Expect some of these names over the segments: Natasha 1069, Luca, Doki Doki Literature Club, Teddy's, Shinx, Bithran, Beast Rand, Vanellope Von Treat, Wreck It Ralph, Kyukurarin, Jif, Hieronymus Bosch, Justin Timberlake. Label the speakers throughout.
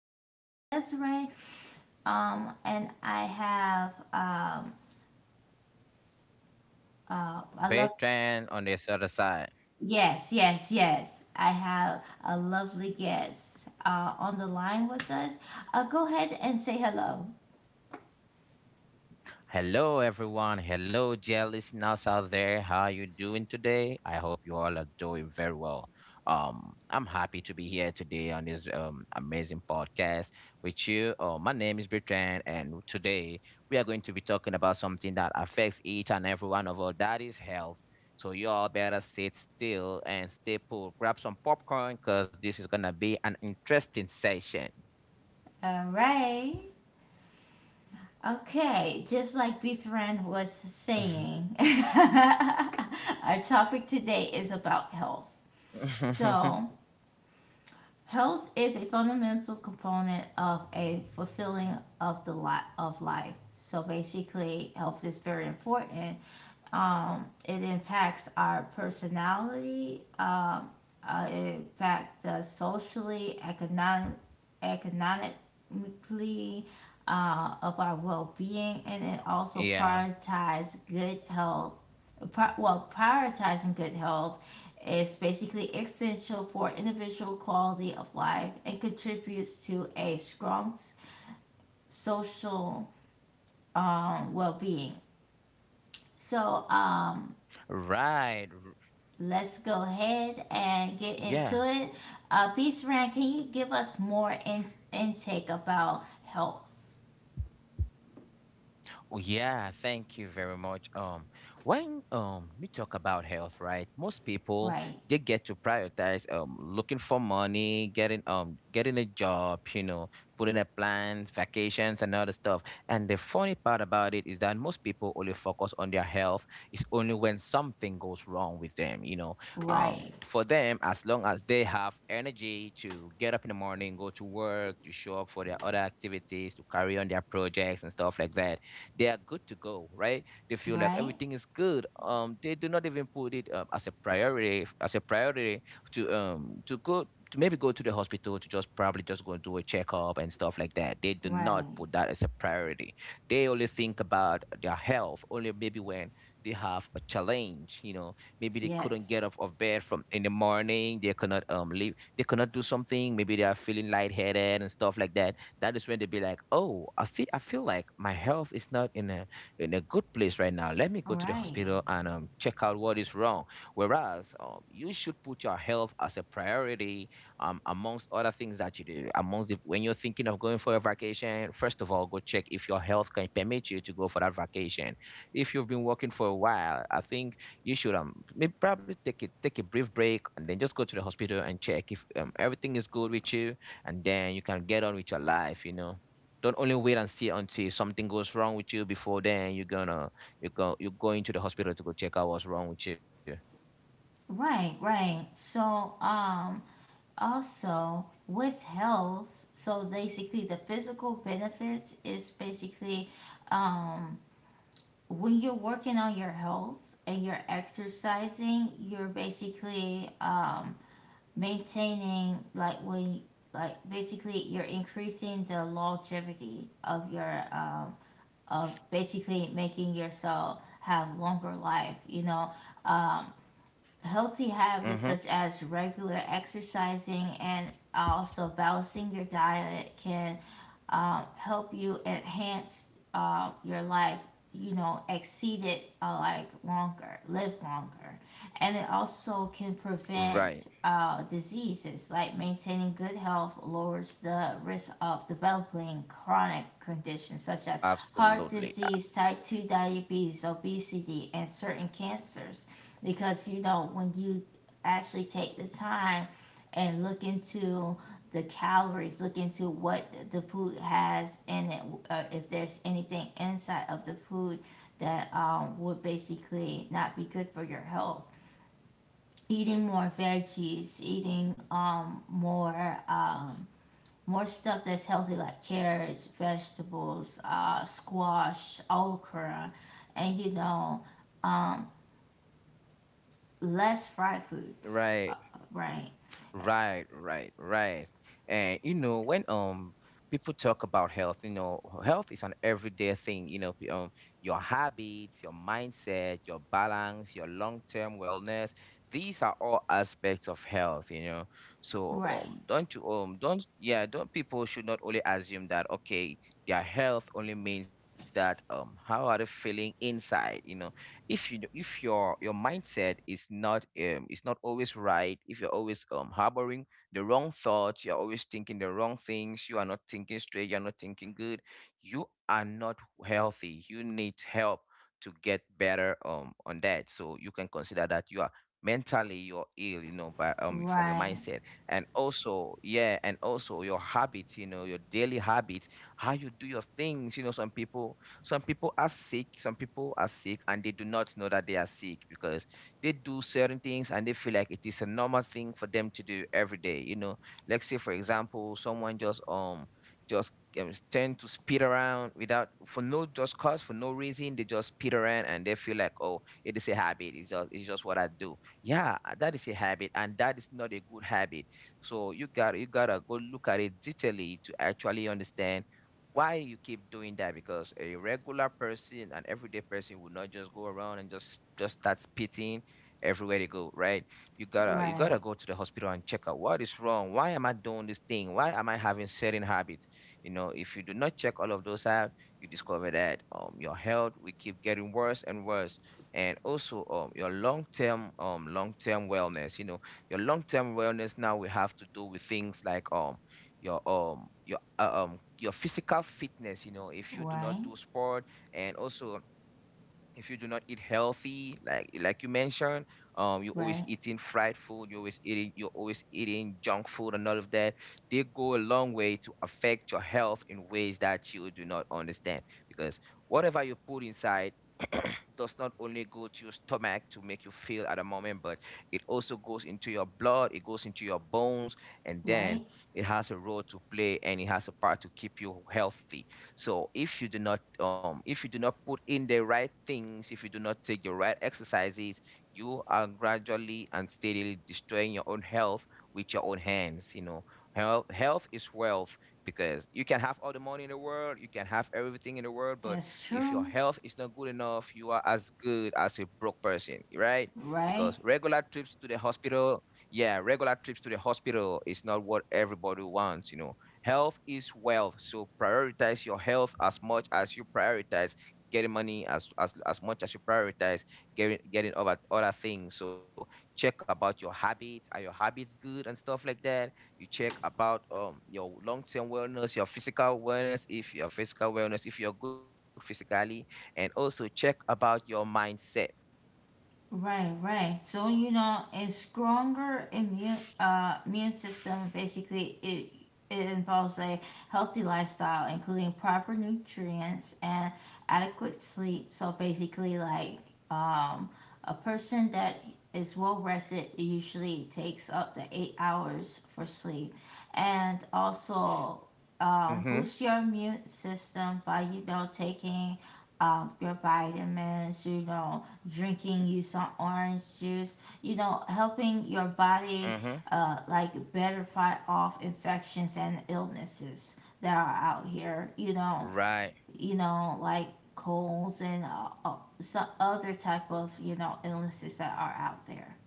Speaker 1: My name is Desiree, and I have I love
Speaker 2: Bertrand on this other side.
Speaker 1: yes, yes, yes. I have a lovely guest on the line with us. Go ahead and say hello.
Speaker 2: Hello, everyone. Hello, dear listeners out there. How are you doing today? I hope you all are doing very well. I'm happy to be here today on this amazing podcast with you. My name is Bertrand, and today we are going to be talking about something that affects each and every one of us. That is health. So you all better sit still and stay put. Grab some popcorn, cause this is gonna be an interesting session.
Speaker 1: All right. Okay, just like Bithran was saying, our topic today is about health. So, health is a fundamental component of a fulfilling of the lot of life. So basically, health is very important, it impacts our personality. It impacts us socially, economically, of our well-being, and it
Speaker 2: yeah.
Speaker 1: also prioritizes good health. Prioritizing good health is basically essential for individual quality of life and contributes to a strong social, well-being. So, um,
Speaker 2: Right.
Speaker 1: Let's go ahead and get
Speaker 2: Yeah.
Speaker 1: into it. Beast Rand, can you give us more intake about health?
Speaker 2: Oh, yeah, thank you very much. When we talk about health, right? Most people
Speaker 1: Right,
Speaker 2: they get to prioritize looking for money, getting getting a job, you know, putting a plans, vacations, and other stuff. And the funny part about it is that most people only focus on their health. It's only when something goes wrong with them.
Speaker 1: right,
Speaker 2: For them, as long as they have energy to get up in the morning, go to work, to show up for their other activities, to carry on their projects and stuff like that, they are good to go, right? They feel like
Speaker 1: right,
Speaker 2: everything is good. They do not even put it as a priority to go to maybe go to the hospital to just probably just go and do a checkup and stuff like that. They do not
Speaker 1: right.
Speaker 2: put that as a priority. They only think about their health only maybe when they have a challenge. You know, maybe they couldn't get up
Speaker 1: Yes,
Speaker 2: of bed from in the morning. They cannot leave. They cannot do something. Maybe they are feeling lightheaded and stuff like that, that is when they be like, "Oh, I feel like my health is not in a good place right now. Let me go to the
Speaker 1: right,
Speaker 2: hospital and check out what is wrong." Whereas you should put your health as a priority amongst other things that you do. Amongst the, when you're thinking of going for a vacation, first of all, go check if your health can permit you to go for that vacation. If you've been working for a while, I think you should maybe probably take a brief break and then just go to the hospital and check if everything is good with you, and then you can get on with your life, you know, don't only wait and see until something goes wrong with you before then you're gonna you're going to the hospital to go check out what's wrong with you.
Speaker 1: right, right. Also with health, so basically the physical benefits is basically, um, when you're working on your health and you're exercising, you're basically, maintaining like when like basically you're increasing the longevity of your of basically making yourself have longer life um Healthy habits
Speaker 2: Mm-hmm.
Speaker 1: such as regular exercising and also balancing your diet can, help you enhance your life, you know, exceed it like longer, live longer. And it also can
Speaker 2: Right.
Speaker 1: prevent diseases, like maintaining good health lowers the risk of developing chronic conditions such as heart
Speaker 2: Absolutely.
Speaker 1: disease, type 2 diabetes, obesity, and certain cancers. Because, you know, when you actually take the time and look into the calories, look into what the food has in it, if there's anything inside of the food that, would basically not be good for your health. Eating more veggies, eating more stuff that's healthy like carrots, vegetables, squash, okra, and um, less fried foods.
Speaker 2: Right.
Speaker 1: Right,
Speaker 2: Right, right, right. And you know, when people talk about health, you know, health is an everyday thing. You know, your habits, your mindset, your balance, your long-term wellness. These are all aspects of health. You know, so
Speaker 1: right,
Speaker 2: don't you don't yeah, don't people should not only assume that okay, their health only means that how are they feeling inside? You know, if you if your your mindset is not always right, if you're always harboring the wrong thoughts, you're always thinking the wrong things, you are not thinking straight, you're not thinking good, you are not healthy, you need help to get better on that, so you can consider that you are mentally you're ill, you know, by from your
Speaker 1: right,
Speaker 2: mindset. And also yeah, and also your habits, you know, your daily habits, how you do your things, you know, some people are sick, some people are sick and they do not know that they are sick because they do certain things and they feel like it is a normal thing for them to do every day. You know, let's say for example, someone just tend to speed around without for no just cause for no reason, they just speed around and they feel like, oh, it is a habit, it's just what I do. Yeah, that is a habit and that is not a good habit, so you gotta go look at it detailedly to actually understand why you keep doing that, because a regular person, an everyday person would not just go around and just start spitting everywhere they go, right? You gotta
Speaker 1: right,
Speaker 2: go to the hospital and check out what is wrong, why am I doing this thing, why am I having certain habits. You know, if you do not check all of those out, you discover that your health will keep getting worse and worse. And also your long-term long-term wellness, you know, your long-term wellness now will have to do with things like your um your your physical fitness, you know, if you do not
Speaker 1: right,
Speaker 2: do sport, and also if you do not eat healthy, like you mentioned, you're always
Speaker 1: right,
Speaker 2: eating fried food, you're always eating junk food and all of that. They go a long way to affect your health in ways that you do not understand, because whatever you put inside. does not only go to your stomach to make you feel at a moment, but it also goes into your blood, it goes into your bones, and
Speaker 1: right.
Speaker 2: then it has a role to play and it has a part to keep you healthy. So if you do not if you do not put in the right things, if you do not take the right exercises, you are gradually and steadily destroying your own health with your own hands. You know, health is wealth, because you can have all the money in the world, you can have everything in the world, but
Speaker 1: That's
Speaker 2: if your
Speaker 1: true,
Speaker 2: health is not good enough, you are as good as a broke person, right?
Speaker 1: right?
Speaker 2: Because regular trips to the hospital, yeah, regular trips to the hospital is not what everybody wants, you know. Health is wealth, so prioritize your health as much as you prioritize getting money, as much as you prioritize getting other things. So check about your habits. Are your habits good and stuff like that? You check about your long term wellness, your physical wellness, if you're good physically, and also check about your mindset.
Speaker 1: Right, right. So you know, a stronger immune system basically it involves a healthy lifestyle, including proper nutrients and adequate sleep. So basically, like, um, a person that is well rested usually takes up to 8 hours for sleep, and also,
Speaker 2: Mm-hmm.
Speaker 1: boost your immune system by you know taking, your vitamins, you know drinking you some orange juice, you know, helping your body
Speaker 2: Mm-hmm.
Speaker 1: like better fight off infections and illnesses that are out here,
Speaker 2: Right.
Speaker 1: you know, like colds and some other type of, you know, illnesses that are out there.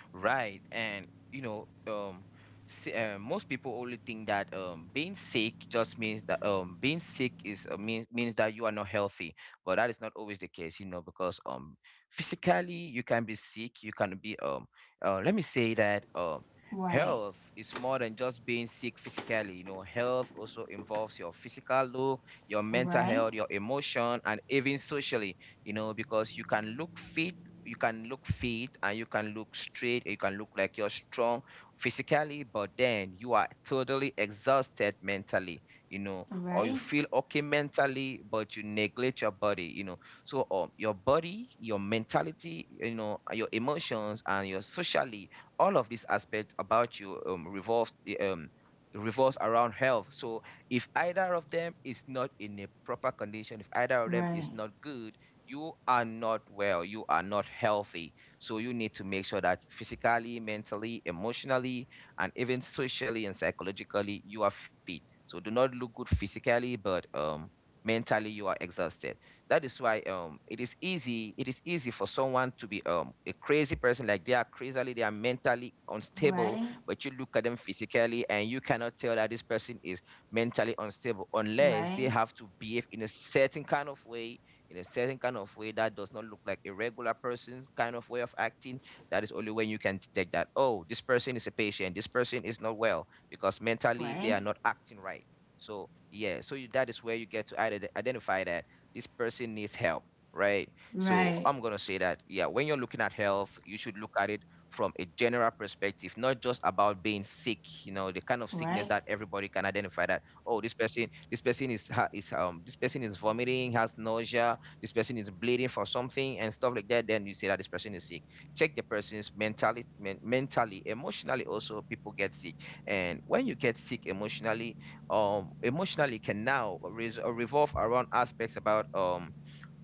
Speaker 2: Right. And you know, um, most people only think that being sick just means that being sick is means means that you are not healthy, but that is not always the case, you know, because physically you can be sick, you can be let me say that
Speaker 1: Right,
Speaker 2: health is more than just being sick physically. You know, health also involves your physical look, your mental
Speaker 1: right,
Speaker 2: health, your emotion, and even socially. You know, because you can look fit and you can look straight and you can look like you're strong physically, but then you are totally exhausted mentally, you know, or you
Speaker 1: right,
Speaker 2: feel okay mentally but you neglect your body, you know. So your body, your mentality, you know, and your emotions and your socially, all of these aspects about you revolves um revolves around health. So if either of them is not in a proper condition, if either of them is
Speaker 1: right,
Speaker 2: not good, you are not well, you are not healthy. So you need to make sure that physically, mentally, emotionally, and even socially and psychologically, you are fit. So do not look good physically, but mentally you are exhausted. That is why it is easy for someone to be a crazy person, like they are crazily, they are mentally unstable,
Speaker 1: right,
Speaker 2: but you look at them physically and you cannot tell that this person is mentally unstable unless they
Speaker 1: right,
Speaker 2: have to behave in a certain kind of way, that does not look like a regular person kind of way of acting. That is only when you can detect that, oh, this person is a patient, this person is not well because mentally they are
Speaker 1: right,
Speaker 2: not acting right. So yeah, so you, that is where you get to identify that this person needs help, right.
Speaker 1: right,
Speaker 2: So
Speaker 1: right,
Speaker 2: I'm going to say that yeah, when you're looking at health you should look at it from a general perspective, not just about being sick. You know, the kind of sickness
Speaker 1: right,
Speaker 2: that everybody can identify that, oh, this person is ha- is this person is vomiting, has nausea, this person is bleeding for something and stuff like that, then you say that this person is sick. Check the person's mentally, mentally, emotionally. Also, people get sick, and when you get sick emotionally, emotionally can now revolve around aspects about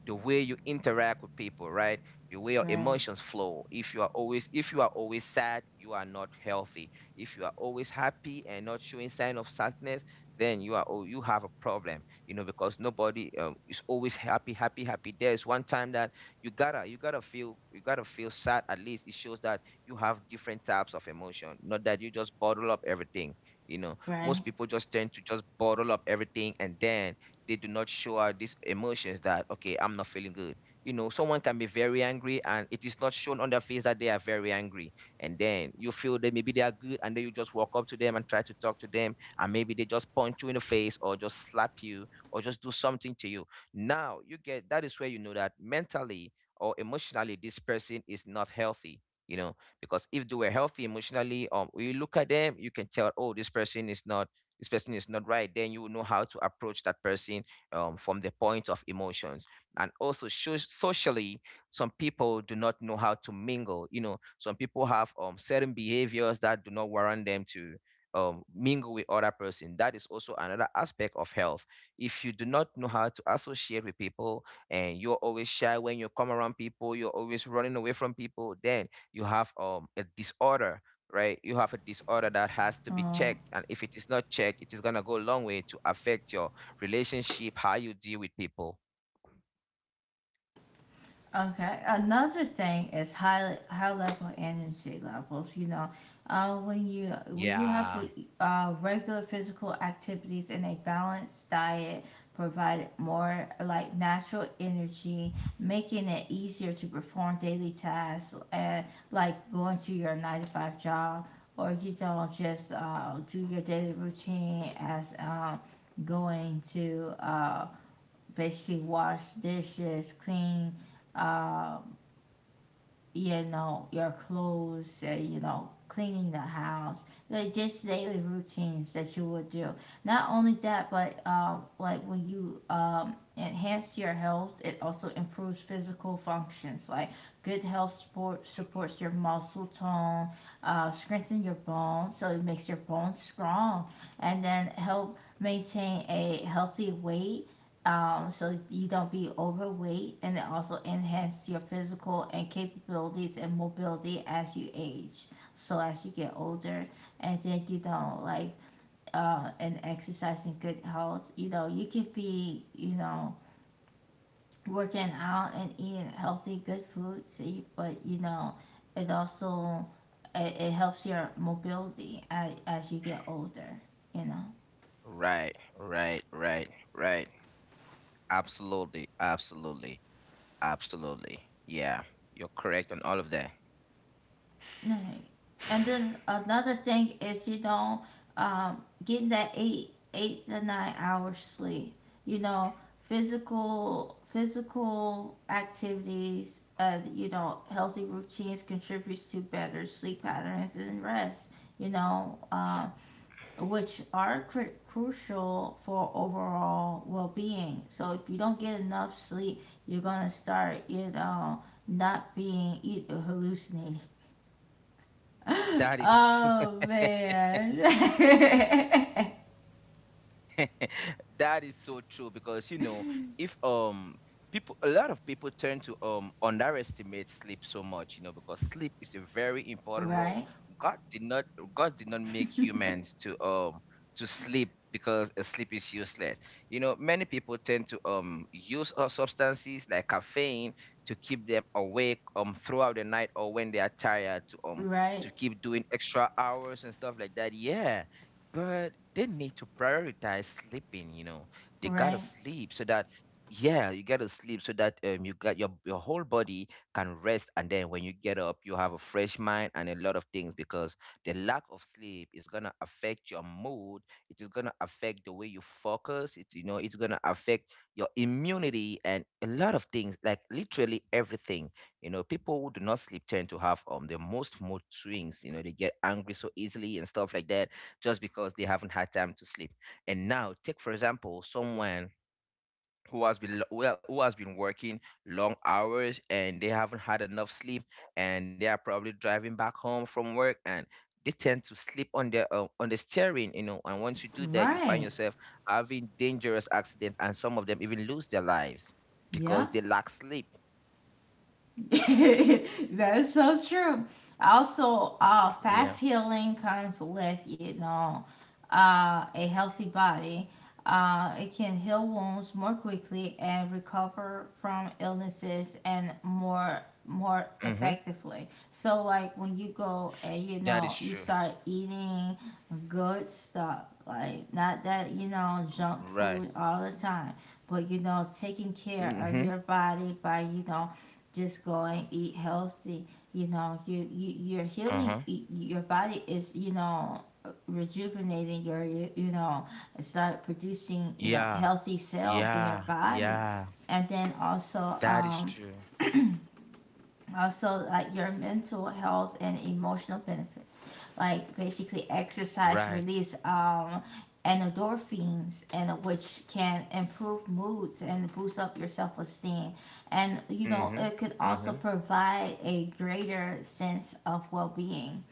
Speaker 2: the way you interact with people, right? The way your
Speaker 1: right.
Speaker 2: emotions flow. If you are always sad, you are not healthy. If you are always happy and not showing sign of sadness, then you are, oh, you have a problem. You know, because nobody is always happy, happy, happy. There's one time that you gotta feel sad. At least it shows that you have different types of emotion, not that you just bottle up everything. You know, most
Speaker 1: Right,
Speaker 2: people just tend to just bottle up everything, and then they do not show out these emotions that, okay, I'm not feeling good. You know, someone can be very angry and it is not shown on their face that they are very angry. And then you feel that maybe they are good and then you just walk up to them and try to talk to them, and maybe they just punch you in the face or just slap you or just do something to you. Now you get, that is where you know that mentally or emotionally this person is not healthy. You know, because if they were healthy emotionally, when you look at them, you can tell, oh, this person is not right. Then you will know how to approach that person, from the point of emotions. And also, socially, some people do not know how to mingle. You know, some people have certain behaviors that do not warrant them to mingle with other person. That is also another aspect of health. If you do not know how to associate with people, and you're always shy, when you come around people you're always running away from people, then you have a disorder, right? You have a disorder that has to be
Speaker 1: Um,
Speaker 2: checked. And if it is not checked, it is going to go a long way to affect your relationship, how you deal with people.
Speaker 1: okay. Another thing is high level energy levels. You know, when you when you have,
Speaker 2: Yeah,
Speaker 1: regular physical activities and a balanced diet provide more like natural energy, making it easier to perform daily tasks, like going to your nine to five job, or you don't just do your daily routine as, going to. Basically wash dishes, clean, um, you know, your clothes, you know, cleaning the house, like just daily routines that you would do. Not only that, but, like when you, enhance your health, it also improves physical functions. Like good health support supports your muscle tone, strengthen your bones, so it makes your bones strong, and then help maintain a healthy weight, so you don't be overweight and it also enhance your physical and capabilities and mobility as you age, so as you get older and then you don't like, and exercise and good health you know you could be you know working out and eating healthy good food see but you know it also it helps your mobility as you get older, you know.
Speaker 2: right, right, right, right. Absolutely, absolutely, absolutely. Yeah, you're correct on all of that.
Speaker 1: Right. And then another thing is you know, getting that 8 to 9 hours sleep. You know physical activities and you know healthy routines contributes to better sleep patterns and rest. You know, which are crucial for overall well being. So if you don't get enough sleep, you're gonna start you know not being you hallucinating.
Speaker 2: That is true.
Speaker 1: Oh man.
Speaker 2: That is so true, because you know, if people a lot of people tend to underestimate sleep so much. You know, because sleep is a very important role.
Speaker 1: Right,
Speaker 2: God did not god did not make humans to sleep because sleep is useless. You know, many people tend to use substances like caffeine to keep them awake throughout the night, or when they are tired to um
Speaker 1: right,
Speaker 2: to keep doing extra hours and stuff like that, yeah. But they need to prioritize sleeping, you know. They gotta
Speaker 1: right,
Speaker 2: sleep so that, yeah, you gotta sleep so that you got your whole body can rest, and then when you get up you have a fresh mind and a lot of things, because the lack of sleep is gonna affect your mood, it is gonna affect the way you focus, it's gonna affect your immunity and a lot of things, like literally everything. You know, people who do not sleep tend to have the most mood swings, you know, they get angry so easily and stuff like that, just because they haven't had time to sleep. And now, take for example, someone who has been lo- who ha- who has been working long hours and they haven't had enough sleep, and they are probably driving back home from work and they tend to sleep on the steering, you know. And once you do that, you find
Speaker 1: right.
Speaker 2: yourself having dangerous accidents, and some of them even lose their lives because
Speaker 1: Yeah.
Speaker 2: they lack sleep.
Speaker 1: That's so true. Also, fast
Speaker 2: Yeah.
Speaker 1: healing comes with you know, a healthy body. It can heal wounds more quickly and recover from illnesses and more
Speaker 2: Mm-hmm.
Speaker 1: effectively. So, like when you go and you
Speaker 2: That is
Speaker 1: know you
Speaker 2: true.
Speaker 1: start eating good stuff, like not that you know junk
Speaker 2: Right.
Speaker 1: food all the time, but you know taking care of
Speaker 2: Mm-hmm.
Speaker 1: your body by you know just go and eat healthy. You know, you you're healing.
Speaker 2: Uh-huh.
Speaker 1: Your body is you know rejuvenating your you know start producing you know
Speaker 2: Yeah.
Speaker 1: healthy cells in your
Speaker 2: Yeah.
Speaker 1: body,
Speaker 2: Yeah.
Speaker 1: and then also,
Speaker 2: That is true.
Speaker 1: also like your mental health and emotional benefits like basically exercise
Speaker 2: Right.
Speaker 1: release endorphins and, which can improve moods and boost up your self-esteem and you know
Speaker 2: Mhm.
Speaker 1: it could also
Speaker 2: Mhm.
Speaker 1: provide a greater sense of well-being.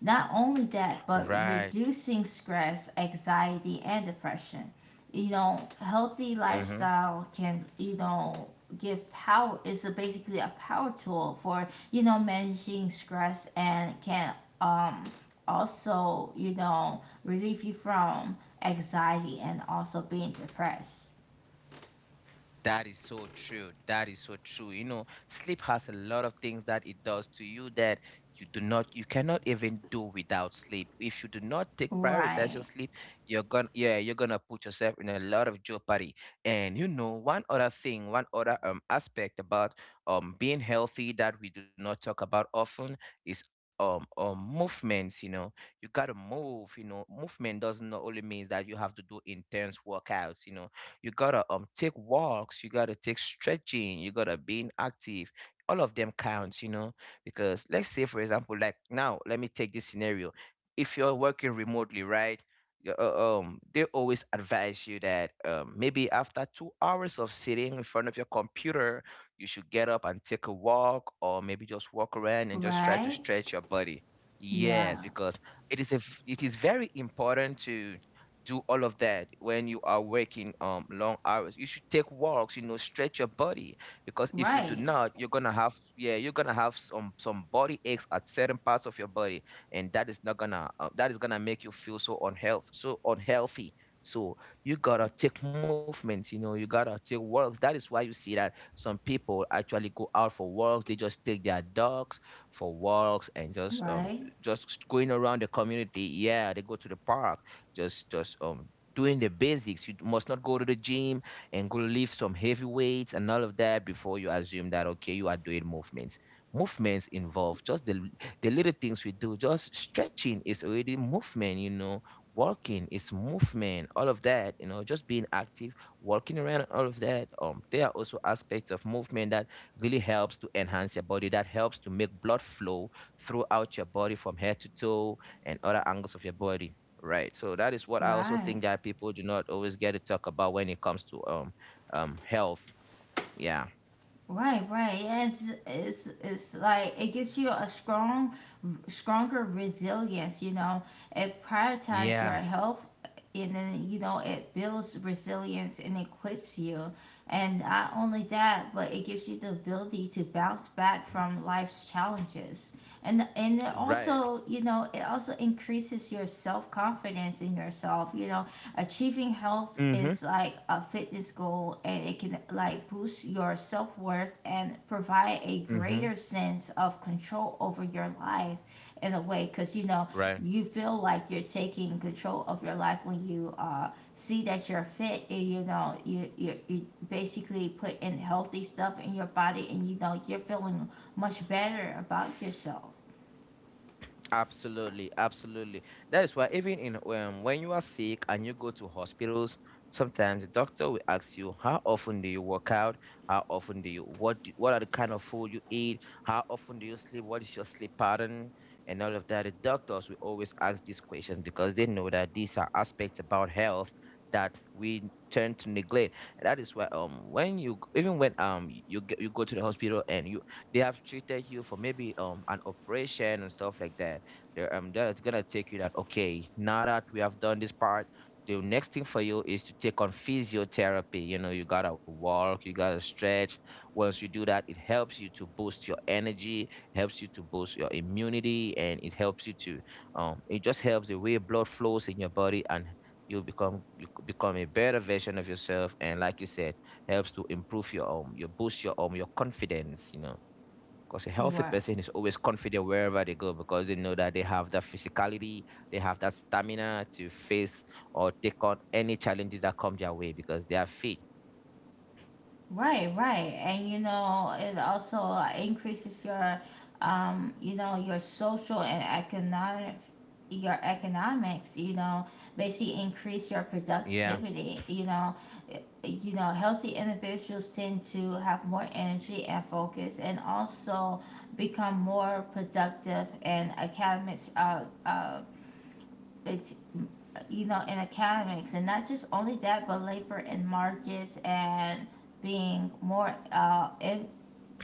Speaker 1: Not only that, but
Speaker 2: Right.
Speaker 1: reducing stress, anxiety, and depression. You know, healthy
Speaker 2: Mhm.
Speaker 1: lifestyle can, you know, give power is a, basically a power tool for, you know, managing stress and can, um also, you know, relieve you from anxiety and also being depressed.
Speaker 2: That is so true. That is so true. You know, sleep has a lot of things that it does to you, that you cannot even do without sleep. If you do not take prioritize your
Speaker 1: Right.
Speaker 2: sleep, yeah, you're gonna put yourself in a lot of jeopardy. And you know, one other thing, one other aspect about being healthy that we do not talk about often is movements. You know, you gotta move. You know, movement doesn't only means that you have to do intense workouts. You know, you gotta take walks, you gotta take stretching, you gotta being active. All of them counts, you know. Because let's say for example, like now, let me take this scenario. If you're working remotely, right, they always advise you that, maybe after 2 hours of sitting in front of your computer, you should get up and take a walk, or maybe just walk around and just try to
Speaker 1: Right.
Speaker 2: stretch your body.
Speaker 1: Yeah.
Speaker 2: Yes, because it is a v- it is very important to do all of that. When you are working long hours, you should take walks, you know, stretch your body. Because if you do
Speaker 1: Right.
Speaker 2: not, you're gonna have yeah, you're gonna have some body aches at certain parts of your body. And that is not gonna, that is gonna make you feel so unhealthy. So you gotta take movements, you know, you gotta take walks. That is why you see that some people actually go out for walks, they just take their dogs for walks, and just um
Speaker 1: Right.
Speaker 2: just going around the community, yeah. They go to the park, just doing the basics. You must not go to the gym and go lift some heavy weights and all of that before you assume that, okay, you are doing movements. Movements involve just the little things we do. Just stretching is already movement, you know. Walking is movement, all of that, you know, just being active, walking around and all of that. There are also aspects of movement that really helps to enhance your body, that helps to make blood flow throughout your body from head to toe and other angles of your body. Right. So that is what I also
Speaker 1: Right.
Speaker 2: think that people do not always get to talk about when it comes to health. Yeah.
Speaker 1: Right, right. And it's like it gives you a strong, stronger resilience. You know, it prioritizes your
Speaker 2: Yeah.
Speaker 1: health, and then you know it builds resilience and equips you. And not only that, but it gives you the ability to bounce back from life's challenges. And it
Speaker 2: Right.
Speaker 1: also, you know, it also increases your self confidence in yourself. You know, achieving health
Speaker 2: Mm-hmm.
Speaker 1: is like a fitness goal and it can like boost your self-worth and provide a
Speaker 2: Mm-hmm.
Speaker 1: greater sense of control over your life in a way cuz you know
Speaker 2: Right.
Speaker 1: you feel like you're taking control of your life when you see that you're fit and you know you basically put in healthy stuff in your body and you know you're feeling much better about yourself.
Speaker 2: Absolutely, absolutely. That is why, even in when you are sick and you go to hospitals, sometimes the doctor will ask you, how often do you work out? How often do you what do, what are the kind of food you eat? How often do you sleep? What is your sleep pattern? And all of that. The doctors will always ask these questions because they know that these are aspects about health that we tend to neglect. And that is why, when even when you go to the hospital, and you they have treated you for maybe an operation and stuff like that, there, that is gonna take you that, okay, now that we have done this part, the next thing for you is to take on physiotherapy. You know, you gotta walk, you gotta stretch. Once you do that, it helps you to boost your energy, helps you to boost your immunity, and it just helps the way blood flows in your body, and you become a better version of yourself, and like you said, helps to improve your boost your confidence, you know, because a healthy
Speaker 1: Right.
Speaker 2: person is always confident wherever they go, because they know that they have that physicality, they have that stamina to face or take on any challenges that come their way because they are fit.
Speaker 1: Right, right. And you know, it also, increases your, you know, your social and economic your economics, you know, basically increase your
Speaker 2: Yeah.
Speaker 1: productivity, you know. Uh, You know, healthy individuals tend to have more energy and focus and also become more productive and academics it's you know in academics and not just only that but labor and markets and being more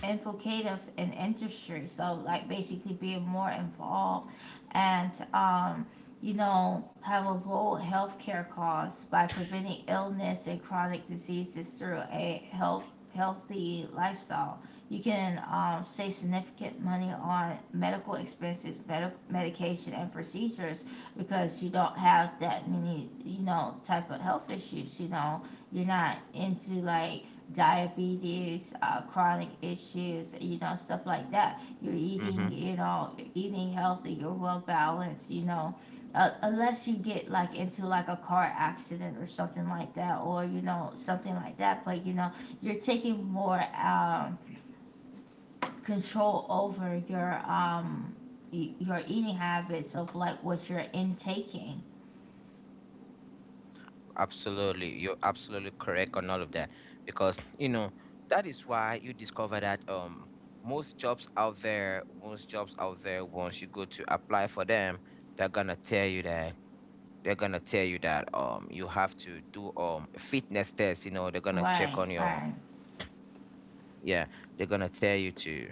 Speaker 1: infiltrative in industry. So like basically being more involved and, you know have a low healthcare cost by preventing illness and chronic diseases through a healthy lifestyle. You can, save significant money on medical expenses, medication, and procedures because you don't have that many, you know, type of health issues. You know, you're not into like diabetes, chronic issues, you know, stuff like that. You're
Speaker 2: Mm-hmm.
Speaker 1: eating, you know, you're eating healthy, you're well balanced, you know, unless you get like into like a car accident or something like that, or you know, something like that. But you know, you're taking more, control over your your eating habits of like what you're intaking.
Speaker 2: Absolutely. You're absolutely correct on all of that. Because, you know, that is why you discover that, most jobs out there, most jobs out there, once you go to apply for them, they're gonna tell you that they're gonna tell you that you have to do a fitness test. You know, they're gonna check
Speaker 1: Right,
Speaker 2: on your,
Speaker 1: right.
Speaker 2: yeah, they're gonna tell you to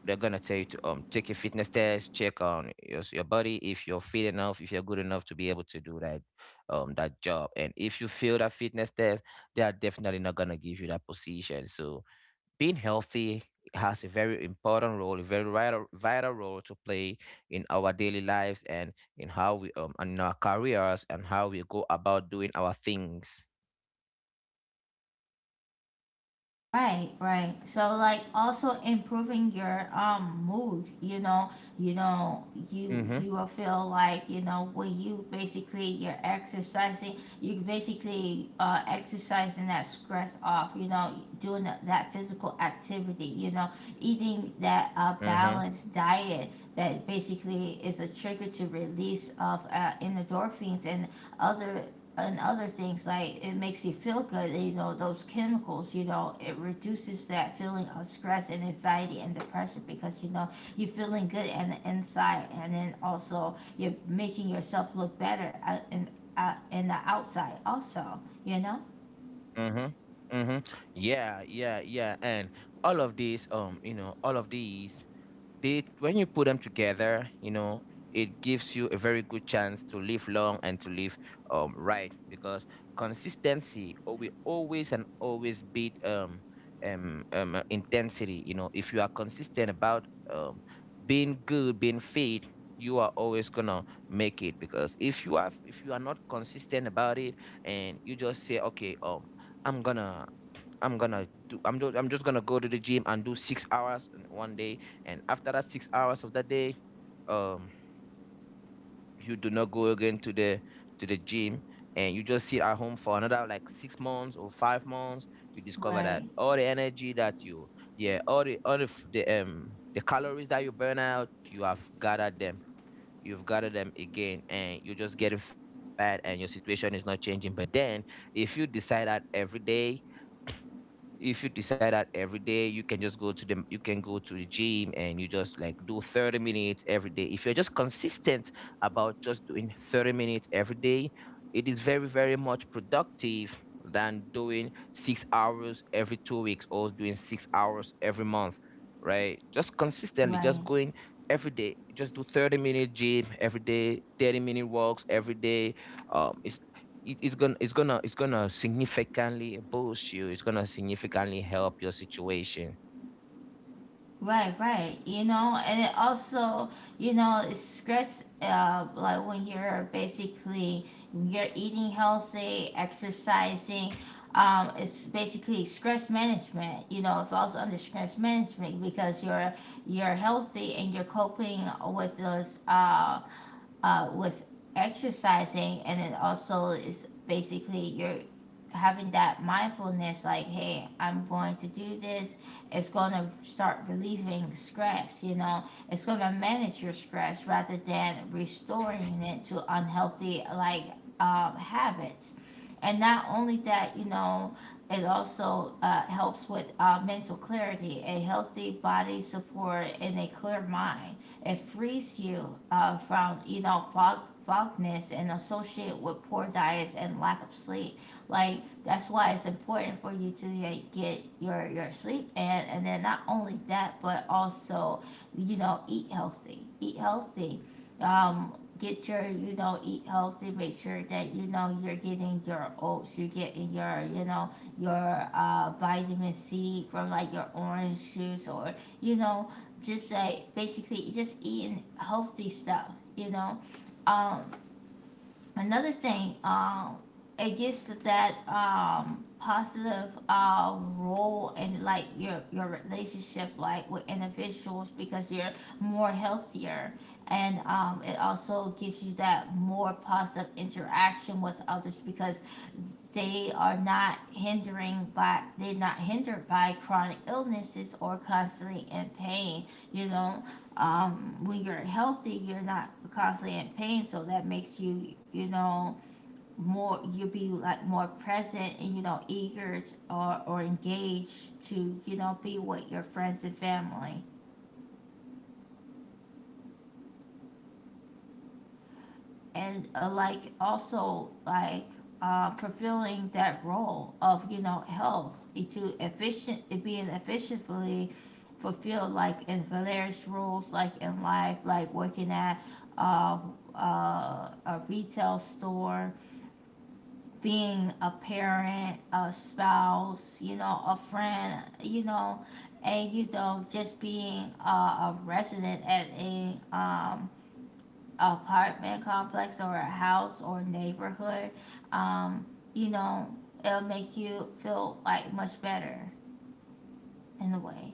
Speaker 2: they're gonna tell you to take a fitness test, check on your body, if you're fit enough, if you're good enough to be able to do that that job. And if you fail that fitness test, they are definitely not gonna give you that position. So being healthy has a very important role, a very vital, vital role to play in our daily lives, and in our careers and how we go about doing our things.
Speaker 1: Right, right. So like also improving your mood, you know, you know, you
Speaker 2: Mm-hmm,
Speaker 1: you will feel like, you know, when you basically you're exercising, you basically exercising that stress off, you know, doing that, that physical activity, you know, eating that
Speaker 2: mm-hmm.
Speaker 1: balanced diet that basically is a trigger to release of, endorphins other and other things like it makes you feel good you know those chemicals you know it reduces that feeling of stress and anxiety and depression because you know you're feeling good on the inside and then also you're making yourself look better in the outside also, you know.
Speaker 2: Mhm. Mhm. Yeah, yeah, yeah. And all of these, they, when you put them together, it gives you a very good chance to live long and to live, right, because consistency or we always and always beat intensity. You know, if you are consistent about, being good, being fit, you are always gonna make it, because if you are not consistent about it, and you just say, okay, I'm gonna I'm gonna do. I'm just. I'm just gonna go to the gym and do 6 hours in one day, and after that 6 hours of that day, um you do not go again to the gym, and you just sit at home for another, like, 6 months or 5 months. You discover that
Speaker 1: Right,
Speaker 2: all the energy that you, yeah, all the, f- the calories that you burn out, you have gathered them. You've gathered them again, and you're just getting fat and your situation is not changing. But then, if you decide that every day if you decide that every day you can just go to the you can go to the gym, and you just, like, do 30 minutes every day. If you're just consistent about just doing 30 minutes every day, it is very, very much productive than doing 6 hours every 2 weeks or doing 6 hours every month. Right, just consistently just
Speaker 1: right.
Speaker 2: going every day, just do 30-minute gym every day, 30-minute walks every day. um, it's it's gonna significantly boost you. It's gonna significantly help your situation.
Speaker 1: Right, right. You know, and it also, you know, it's stress. Like when you're basically you're eating healthy, exercising. It's basically stress management. You know, it falls under stress management because you're healthy and you're coping with those with exercising, and it also is basically you're having that mindfulness like, hey, I'm going to do this. It's going to start relieving stress, you know, it's going to manage your stress rather than restoring it to unhealthy, like, habits. And not only that, you know, it also, helps with, mental clarity, a healthy body support, and a clear mind. It frees you, from you know fogness and associate with poor diets and lack of sleep. Like that's why it's important for you to like, get your sleep and then not only that but also you know eat healthy. Eat healthy. Um, get your eat healthy, make sure that you know you're getting your oats, you're getting your you know your vitamin c from like your orange juice, or you know, just like basically just eating healthy stuff, you know. Um, Another thing, it gives that positive role in like your relationship, like with individuals, because you're more healthier. And it also gives you that more positive interaction with others because they're not hindered by chronic illnesses or constantly in pain, you know. When you're healthy, you're not constantly in pain, so that makes you, you know, more, you will be like more present and you know eager or engaged to you know be with your friends and family. And like also like fulfilling that role of you know health eh, to efficient it being efficiently fulfilled, like in various roles like in life, like working at uh, a retail store, being a parent, a spouse, you know, a friend, you know, and you know just being a resident at a apartment complex or a house or neighborhood, um, you know, it'll make you feel like much better in a way.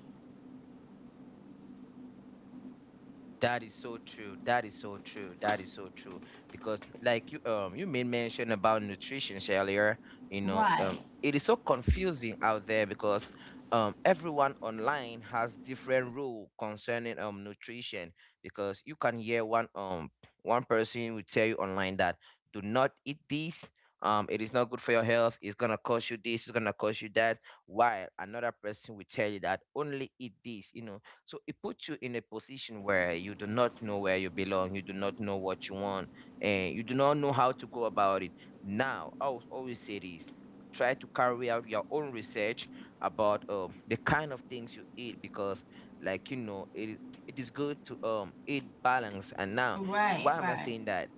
Speaker 2: That is so true. That is so true. That is so true. Because, like, you made mention about nutrition earlier, you know,
Speaker 1: Right,
Speaker 2: it is so confusing out there, because everyone online has different rule concerning nutrition, because you can hear one person will tell you online that, do not eat this. It is not good for your health. It's gonna cost you this. It's gonna cost you that. While another person will tell you that only eat this. You know, so it puts you in a position where you do not know where you belong, you do not know what you want, and you do not know how to go about it. Now, I will always say this: try to carry out your own research about, the kind of things you eat, because, like, you know, it is good to eat balance and now
Speaker 1: right,
Speaker 2: why am I
Speaker 1: right,
Speaker 2: saying that?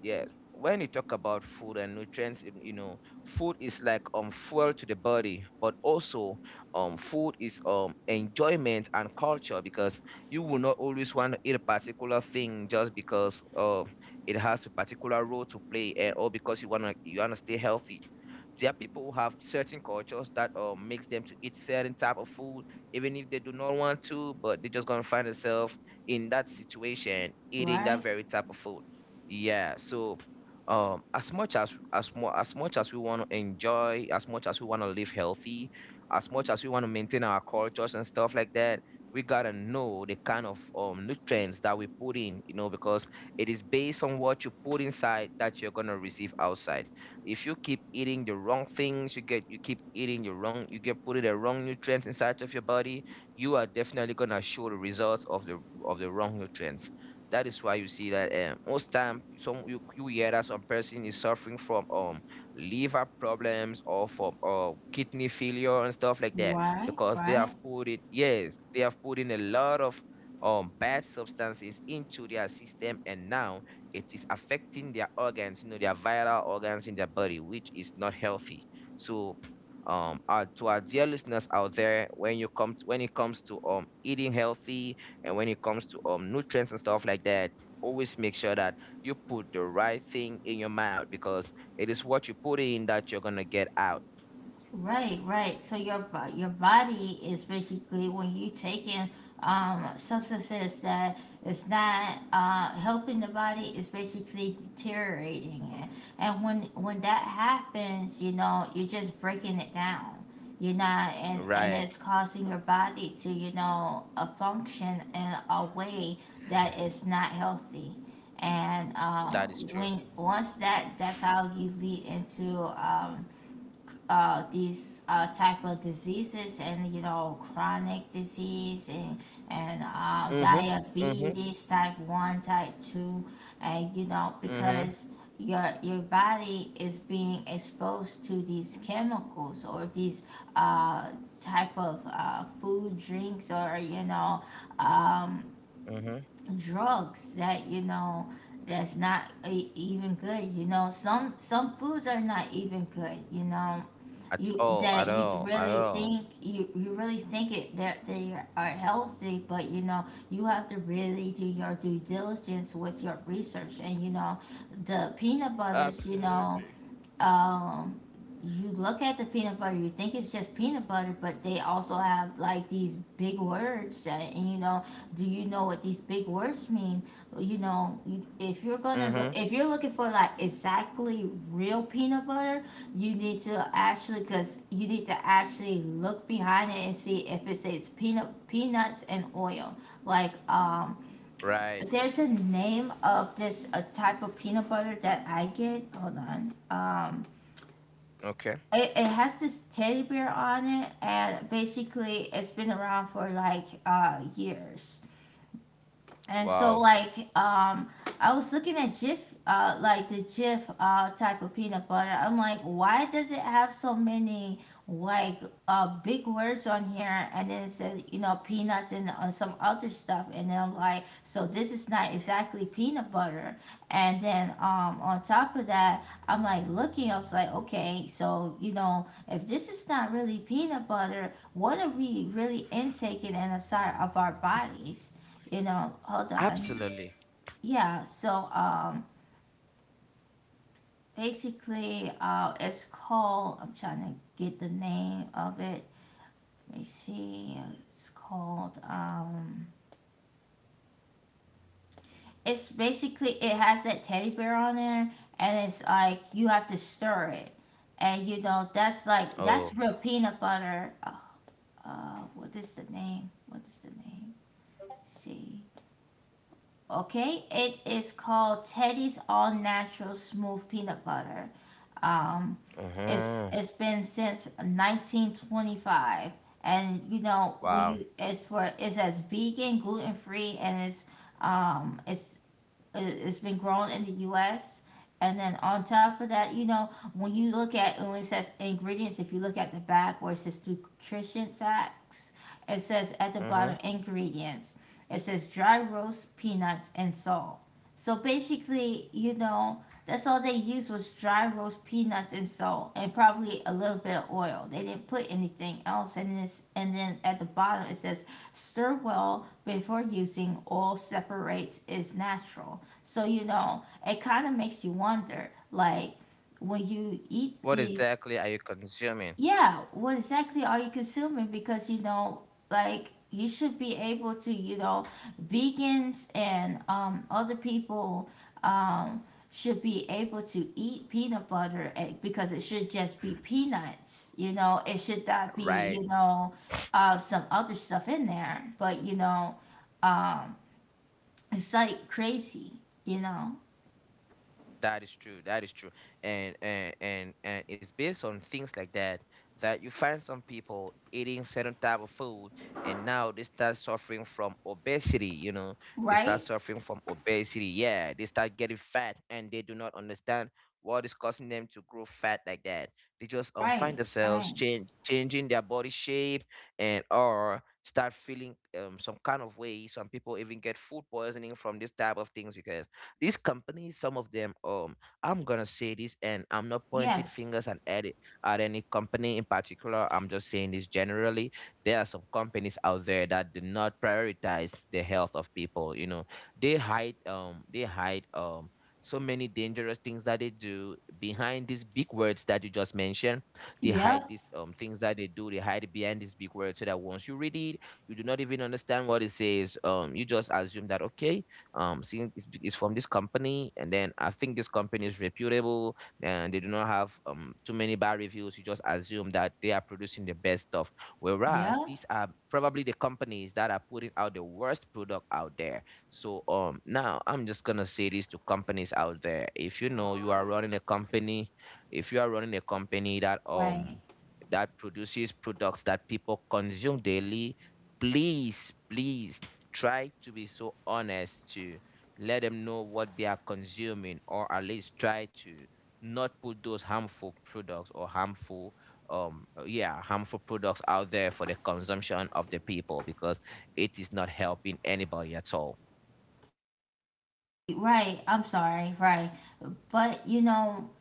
Speaker 2: Yes. When you talk about food and nutrients, you know, food is like fuel to the body, but also food is enjoyment and culture, because you will not always want to eat a particular thing just because it has a particular role to play, and or because you wanna stay healthy. There are people who have certain cultures that makes them to eat certain type of food even if they do not want to, but they're just gonna find themselves in that situation eating that
Speaker 1: right,
Speaker 2: very type of food. Yeah, so, as much as we want to enjoy, as much as we want to live healthy, as much as we want to maintain our cultures and stuff like that, we gotta know the kind of nutrients that we put in, you know, because it is based on what you put inside that you're gonna receive outside. If you keep eating the wrong things, you get, you keep eating the wrong, you get putting the wrong nutrients inside of your body, you are definitely gonna show the results of the wrong nutrients. That is why you see that, most time, you hear that some person is suffering from liver problems or from kidney failure and stuff like that,
Speaker 1: right,
Speaker 2: because they
Speaker 1: right.
Speaker 2: have put in, yes, they have put in a lot of bad substances into their system, and now it is affecting their organs, you know, their viral organs in their body, which is not healthy. So, to our dear listeners out there, when it comes to eating healthy, and when it comes to nutrients and stuff like that, always make sure that you put the right thing in your mouth, because it is what you put in that you're gonna get out.
Speaker 1: Right, right. So your your body is basically, when you taking substances that is not helping the body, it's basically deteriorating it. And when that happens, you know, you're just breaking it down. You're not, and it's
Speaker 2: Right.
Speaker 1: causing your body to you know a function in a way that is not healthy. And
Speaker 2: That is true.
Speaker 1: when once that, that's how you lead into um, these type of diseases, and you know chronic disease, and
Speaker 2: Mm-hmm. Mm-hmm.
Speaker 1: diabetes type one, type two, and you know,
Speaker 2: Mm-hmm.
Speaker 1: because your body is being exposed to these chemicals or these uh, type of food, drinks, or you know um,
Speaker 2: Mm-hmm.
Speaker 1: drugs that you know that's not even good. You know, some foods are not even good, you know,
Speaker 2: At
Speaker 1: you
Speaker 2: all,
Speaker 1: that
Speaker 2: at
Speaker 1: you
Speaker 2: all, at
Speaker 1: really
Speaker 2: all.
Speaker 1: think you really think it that they are healthy, but you know you have to really do your due diligence with your research. And you know, the peanut butters, you know,
Speaker 2: Absolutely.
Speaker 1: um you look at the peanut butter, you think it's just peanut butter, but they also have like these big words. That, and you know, do you know what these big words mean? You know, if you're gonna look,
Speaker 2: Mm-hmm.
Speaker 1: if you're looking for like exactly real peanut butter, you need to actually, cause you need to actually look behind it and see if it says peanuts and oil. Like,
Speaker 2: Right.
Speaker 1: there's a name of this, a type of peanut butter that I get. Hold on.
Speaker 2: Okay.
Speaker 1: It has this teddy bear on it, and basically it's been around for like years, and
Speaker 2: Wow.
Speaker 1: so like I was looking at Jif, like the Jif type of peanut butter. I'm like, why does it have so many, like, big words on here? And then it says, you know, peanuts and some other stuff. And then I'm like, so this is not exactly peanut butter. And then on top of that, I'm like looking, I was like, okay, so you know, if this is not really peanut butter, what are we really intaking inside of our bodies? You know, hold on.
Speaker 2: Absolutely.
Speaker 1: Yeah, so basically it's called, I'm trying to get the name of it. Let me see. It's called it's basically, it has that teddy bear on there, and it's like you have to stir it, and you know that's like
Speaker 2: Oh.
Speaker 1: that's real peanut butter. What is the name, Let's see. Okay, it is called Teddy's All Natural Smooth Peanut Butter. Um, it's
Speaker 2: Mm-hmm.
Speaker 1: been since 1925, and you know, when
Speaker 2: Wow.
Speaker 1: you it's for, it's as vegan, gluten free, and it's has been grown in the U.S. And then on top of that, you know, when you look at when it says ingredients, if you look at the back where it says nutrition facts, it says at the
Speaker 2: Mm-hmm.
Speaker 1: bottom ingredients. It says dry roast peanuts and salt. So basically, you know, that's all they used, was dry roast peanuts and salt, and probably a little bit of oil. They didn't put anything else in this. And then at the bottom it says stir well before using. Oil separates is natural. So, you know, it kind of makes you wonder, like, when you eat
Speaker 2: What
Speaker 1: these,
Speaker 2: exactly are you consuming?
Speaker 1: yeah, what exactly are you consuming? Because, you know, like, you should be able to, you know, vegans and other people um, should be able to eat peanut butter egg, because it should just be peanuts, you know. It should not be,
Speaker 2: Right.
Speaker 1: you know, some other stuff in there. But, you know, um, it's like crazy, you know,
Speaker 2: That is true. That is true. And it's based on things like that that you find some people eating certain type of food, and now they start suffering from obesity, you know. They start
Speaker 1: right?
Speaker 2: suffering from obesity. Yeah, they start getting fat and they do not understand what is causing them to grow fat like that. They just, find
Speaker 1: Right,
Speaker 2: themselves
Speaker 1: right.
Speaker 2: changing their body shape and or start feeling, some kind of way. Some people even get food poisoning from this type of things because these companies, some of them, I'm gonna say this, and I'm not pointing
Speaker 1: Yes.
Speaker 2: fingers and at it at any company in particular. I'm just saying this generally. There are some companies out there that do not prioritize the health of people. You know, they hide, they hide. So many dangerous things that they do behind these big words that you just mentioned. They hide
Speaker 1: Yep,
Speaker 2: these things that they do. They hide it behind these big words so that once you read it, you do not even understand what it says. You just assume that, okay, seeing it's from this company, and then I think this company is reputable and they do not have too many bad reviews, you just assume that they are producing the best stuff, whereas
Speaker 1: yep.
Speaker 2: these are probably the companies that are putting out the worst product out there. So, now I'm just gonna say this to companies out there: if you know you are running a company if you are running a company that,
Speaker 1: Right,
Speaker 2: that produces products that people consume daily, please, please try to be so honest to let them know what they are consuming, or at least try to not put those harmful products or harmful products out there for the consumption of the people, because it is not helping anybody at all.
Speaker 1: right. I'm sorry. Right. But, you know,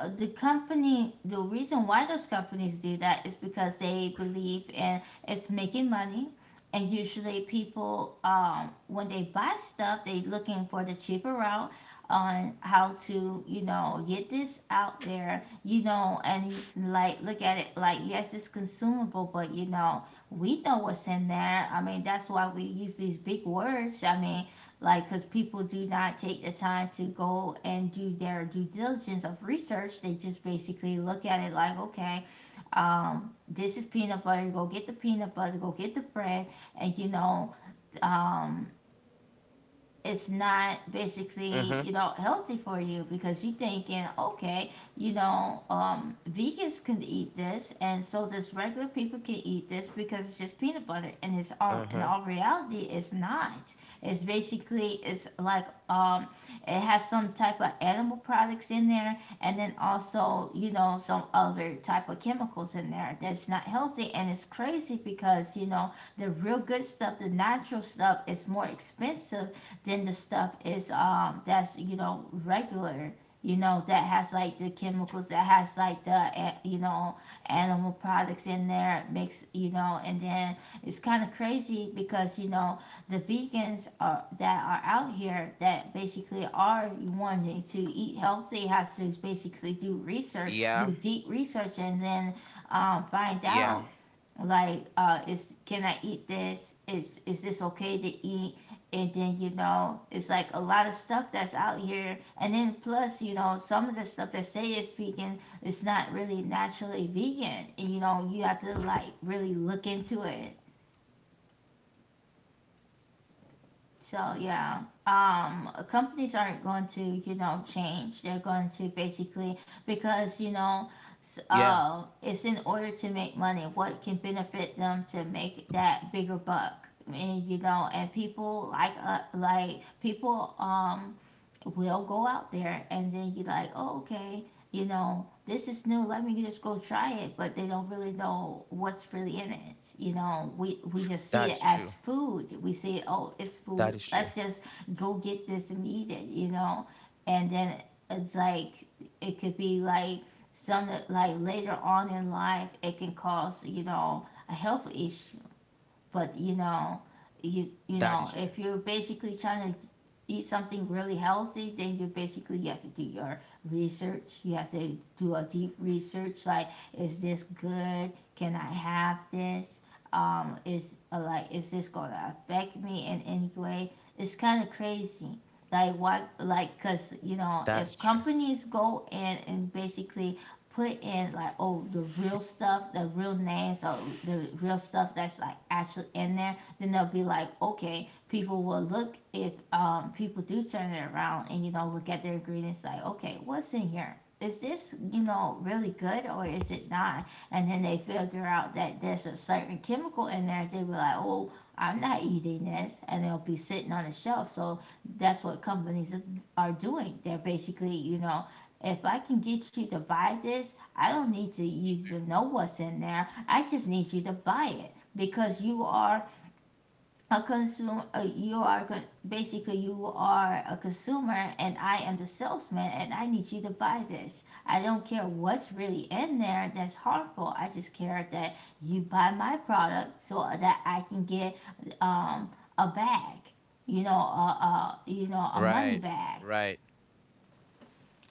Speaker 1: the company, the reason why those companies do that is because they believe in it's making money. And usually people, when they buy stuff, they looking for the cheaper route on how to you know get this out there, you know, and like look at it like yes, it's consumable, but you know, we know what's in there, I mean, that's why we use these big words. I mean, like, because people do not take the time to go and do their due diligence of research. They just basically look at it like, okay, this is peanut butter, go get the peanut butter, go get the bread. And you know um, it's not
Speaker 2: Mhm.
Speaker 1: basically you know healthy for you, because you're thinking, okay, you know, vegans can eat this, and so does regular people can eat this, because it's just peanut butter. And it's, all
Speaker 2: Mhm.
Speaker 1: in all reality, it's not. It's basically, it's like it has some type of animal products in there, and then also you know some other type of chemicals in there that's not healthy. And it's crazy, because you know, the real good stuff, the natural stuff, is more expensive than the stuff is that's you know regular, you know, that has like the chemicals, that has like the, you know, animal products in there makes you know. And then it's kind of crazy, because you know, the vegans are that are out here that basically are wanting to eat healthy has to basically do research,
Speaker 2: Yeah,
Speaker 1: do deep research, and then find
Speaker 2: yeah,
Speaker 1: out like is, can I eat this, is this okay to eat? And then you know it's like a lot of stuff that's out here, and then plus you know some of the stuff that say it's vegan is not really naturally vegan, and you know you have to like really look into it. So yeah, companies aren't going to you know change. They're going to basically, because you know,
Speaker 2: yeah.
Speaker 1: it's in order to make money. What can benefit them to make that bigger buck? And you know, and people like people will go out there and then you like, oh, okay, you know, this is new, let me just go try it. But they don't really know what's really in it. You know, we just see
Speaker 2: That
Speaker 1: it
Speaker 2: is
Speaker 1: as
Speaker 2: true.
Speaker 1: food. We see, oh, it's
Speaker 2: That
Speaker 1: food,
Speaker 2: is true.
Speaker 1: let's just go get this and eat it. You know, and then it's like, it could be like some, like later on in life it can cause you know a health issue. But you know,
Speaker 2: That
Speaker 1: you
Speaker 2: is true.
Speaker 1: know, if you're basically trying to eat something really healthy, then you basically you have to do your research. You have to do a deep research. Like, is this good? Can I have this? Is like, is this gonna affect me in any way? It's kind of crazy. Like, why? Like, cause you know,
Speaker 2: That is
Speaker 1: if
Speaker 2: true.
Speaker 1: companies go in and basically put in like oh the real stuff, the real names, or the real stuff that's like actually in there, then they'll be like, okay, people will look, if people do turn it around and you know look at their ingredients like, okay, what's in here? Is this you know really good, or is it not? And then they figure out that there's a certain chemical in there. They be like, oh, I'm not eating this, and they'll be sitting on the shelf. So that's what companies are doing. They're basically you know, if I can get you to buy this, I don't need to you to know what's in there. I just need you to buy it, because you are a consumer. You are basically you are a consumer, and I am the salesman, and I need you to buy this. I don't care what's really in there that's harmful. I just care that you buy my product so that I can get um, a bag. You know, a a money
Speaker 2: Right,
Speaker 1: bag.
Speaker 2: right.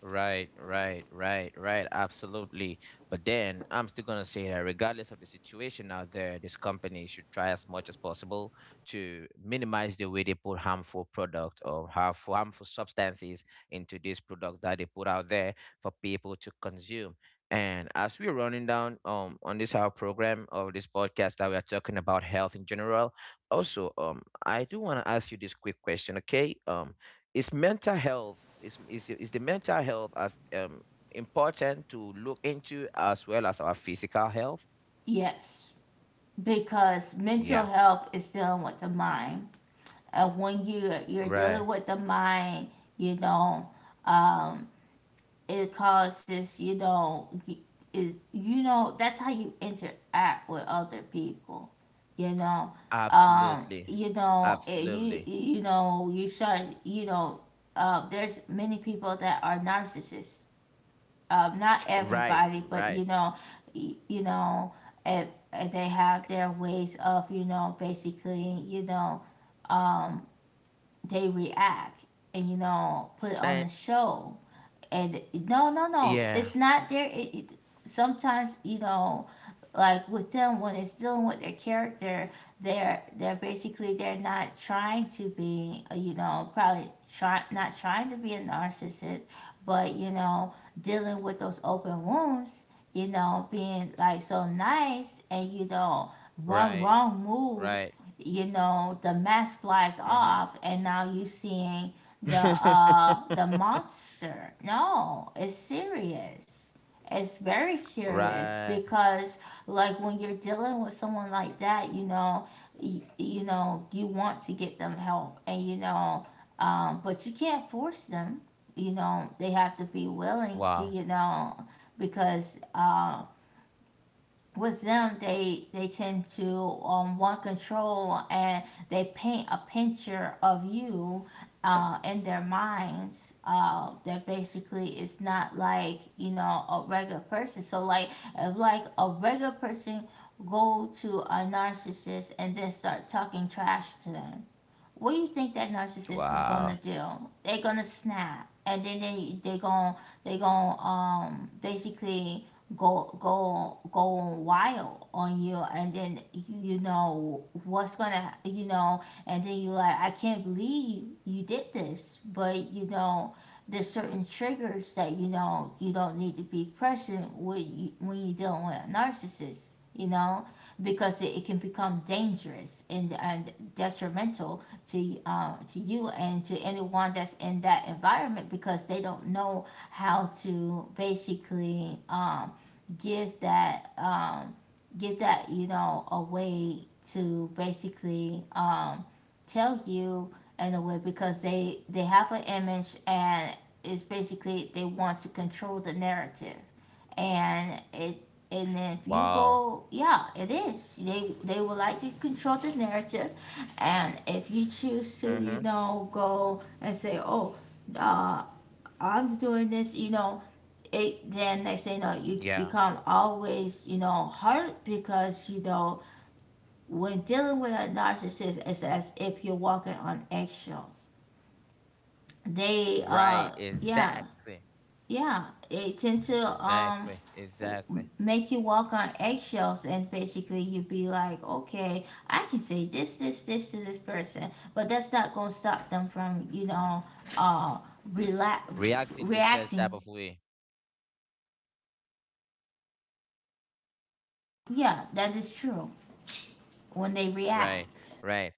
Speaker 2: Right, right, right, right. Absolutely. But then I'm still going to say that regardless of the situation out there, this company should try as much as possible to minimize the way they put harmful product or harmful, harmful substances into this product that they put out there for people to consume. And as we're running down, on this our program of this podcast that we are talking about health in general, also, I do want to ask you this quick question, okay? Is the mental health as, important to look into as well as our physical health?
Speaker 1: Yes. Because mental
Speaker 2: Yeah.
Speaker 1: health is dealing with the mind. And when you're
Speaker 2: Right.
Speaker 1: dealing with the mind, you know, um, it causes is that's how you interact with other people. You know, um,
Speaker 2: Absolutely.
Speaker 1: you know it, you
Speaker 2: Absolutely.
Speaker 1: you know you should, there's many people that are narcissists, not
Speaker 2: Right,
Speaker 1: everybody, but
Speaker 2: right.
Speaker 1: y- you know, and they have their ways of, basically, um, they react and put on the
Speaker 2: And
Speaker 1: show. And no, no, no,
Speaker 2: yeah,
Speaker 1: it's not there. It sometimes, you know, like with them when it's dealing with their character, they're basically, they're not trying to be, you know, probably, try not trying to be a narcissist, but you know, dealing with those open wounds, you know, being like so nice, and you know, one
Speaker 2: right,
Speaker 1: wrong move,
Speaker 2: right.
Speaker 1: you know, the mask flies
Speaker 2: Mhm.
Speaker 1: off, and now you seeing the monster. No, it's serious. It's very serious
Speaker 2: Right.
Speaker 1: because, like, when you're dealing with someone like that, you know, you want to get them help, and you know, but you can't force them. You know, they have to be willing
Speaker 2: Wow.
Speaker 1: to, you know, because with them they tend to, want control, and they paint a picture of you, in their minds, that basically is not like, you know, a regular person. So like, if like a regular person go to a narcissist and then start talking trash to them, what do you think that narcissist is
Speaker 2: Wow.
Speaker 1: gonna do? They're gonna snap, and then they going, basically go wild on you, and then you know what's gonna, and then you're like, I can't believe you did this, but you know there's certain triggers that, you know, you don't need to be present with you when you're dealing with a narcissist, you know, because it can become dangerous and detrimental to, you and to anyone that's in that environment, because they don't know how to basically, give that, a way to basically, tell you in a way, because they have an image, and it's basically, they want to control the narrative. And it and if you
Speaker 2: Wow.
Speaker 1: go, yeah it is, they would like to control the narrative. And if you choose to,
Speaker 2: Mhm.
Speaker 1: you know, go and say, oh, uh, I'm doing this, you know, it, then next thing you know, you
Speaker 2: Yeah.
Speaker 1: become always, you know, hurt because, you know, when dealing with a narcissist, it's as if you're walking on eggshells. They,
Speaker 2: Right,
Speaker 1: yeah,
Speaker 2: exactly.
Speaker 1: yeah, they tend to,
Speaker 2: Exactly. Exactly.
Speaker 1: make you walk on eggshells, and basically you'd be like, okay, I can say this, this, this to this person, but that's not going to stop them from, you know, uh rela-
Speaker 2: Reacting the same
Speaker 1: reacting.
Speaker 2: type of way.
Speaker 1: Yeah, that is true. When they
Speaker 2: Right.
Speaker 1: react.
Speaker 2: Right.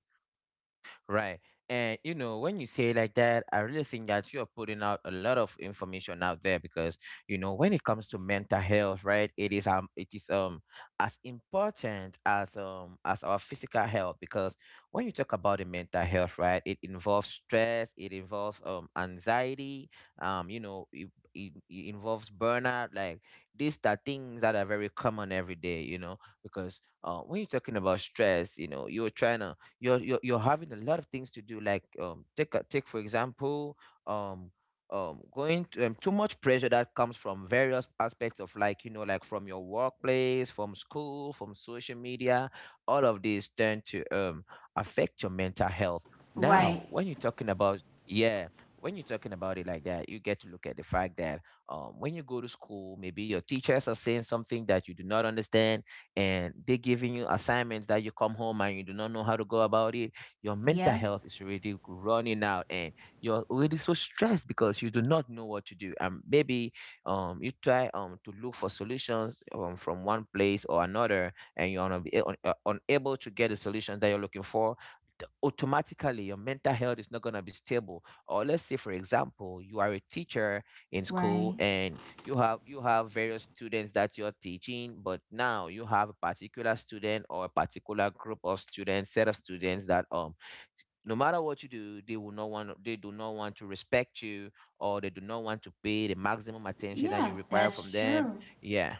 Speaker 2: Right. And you know, when you say it like that, I really think that you are putting out a lot of information out there, because, you know, when it comes to mental health, right, it is as important as, as our physical health, because when you talk about the mental health, right, it involves stress, it involves anxiety, you know, it involves burnout, like, these are things that are very common every day, you know, because, when you're talking about stress, you know, you're trying to you're having a lot of things to do, like, take, for example, um going to, too much pressure that comes from various aspects of, like, you know, like, from your workplace, from school, from social media, all of these tend to affect your mental health. Now,
Speaker 1: Right.
Speaker 2: when you're talking about, yeah, when you're talking about it like that, you get to look at the fact that, when you go to school, maybe your teachers are saying something that you do not understand, and they are giving you assignments that you come home and you do not know how to go about it. Your mental
Speaker 1: Yeah,
Speaker 2: health is already running out, and you're already so stressed because you do not know what to do, and maybe, you try to look for solutions, from one place or another, and you're unable to get the solution that you're looking for. Automatically, your mental health is not going to be stable. Or let's say, for example, You are a teacher in school,
Speaker 1: right.
Speaker 2: and you have various students that you're teaching, but now you have a particular student or a particular group of students, that no matter what you do, they do not want to respect you, or they do not want to pay the maximum attention that you
Speaker 1: Yeah,
Speaker 2: require
Speaker 1: that's
Speaker 2: from them.
Speaker 1: true.
Speaker 2: Yeah,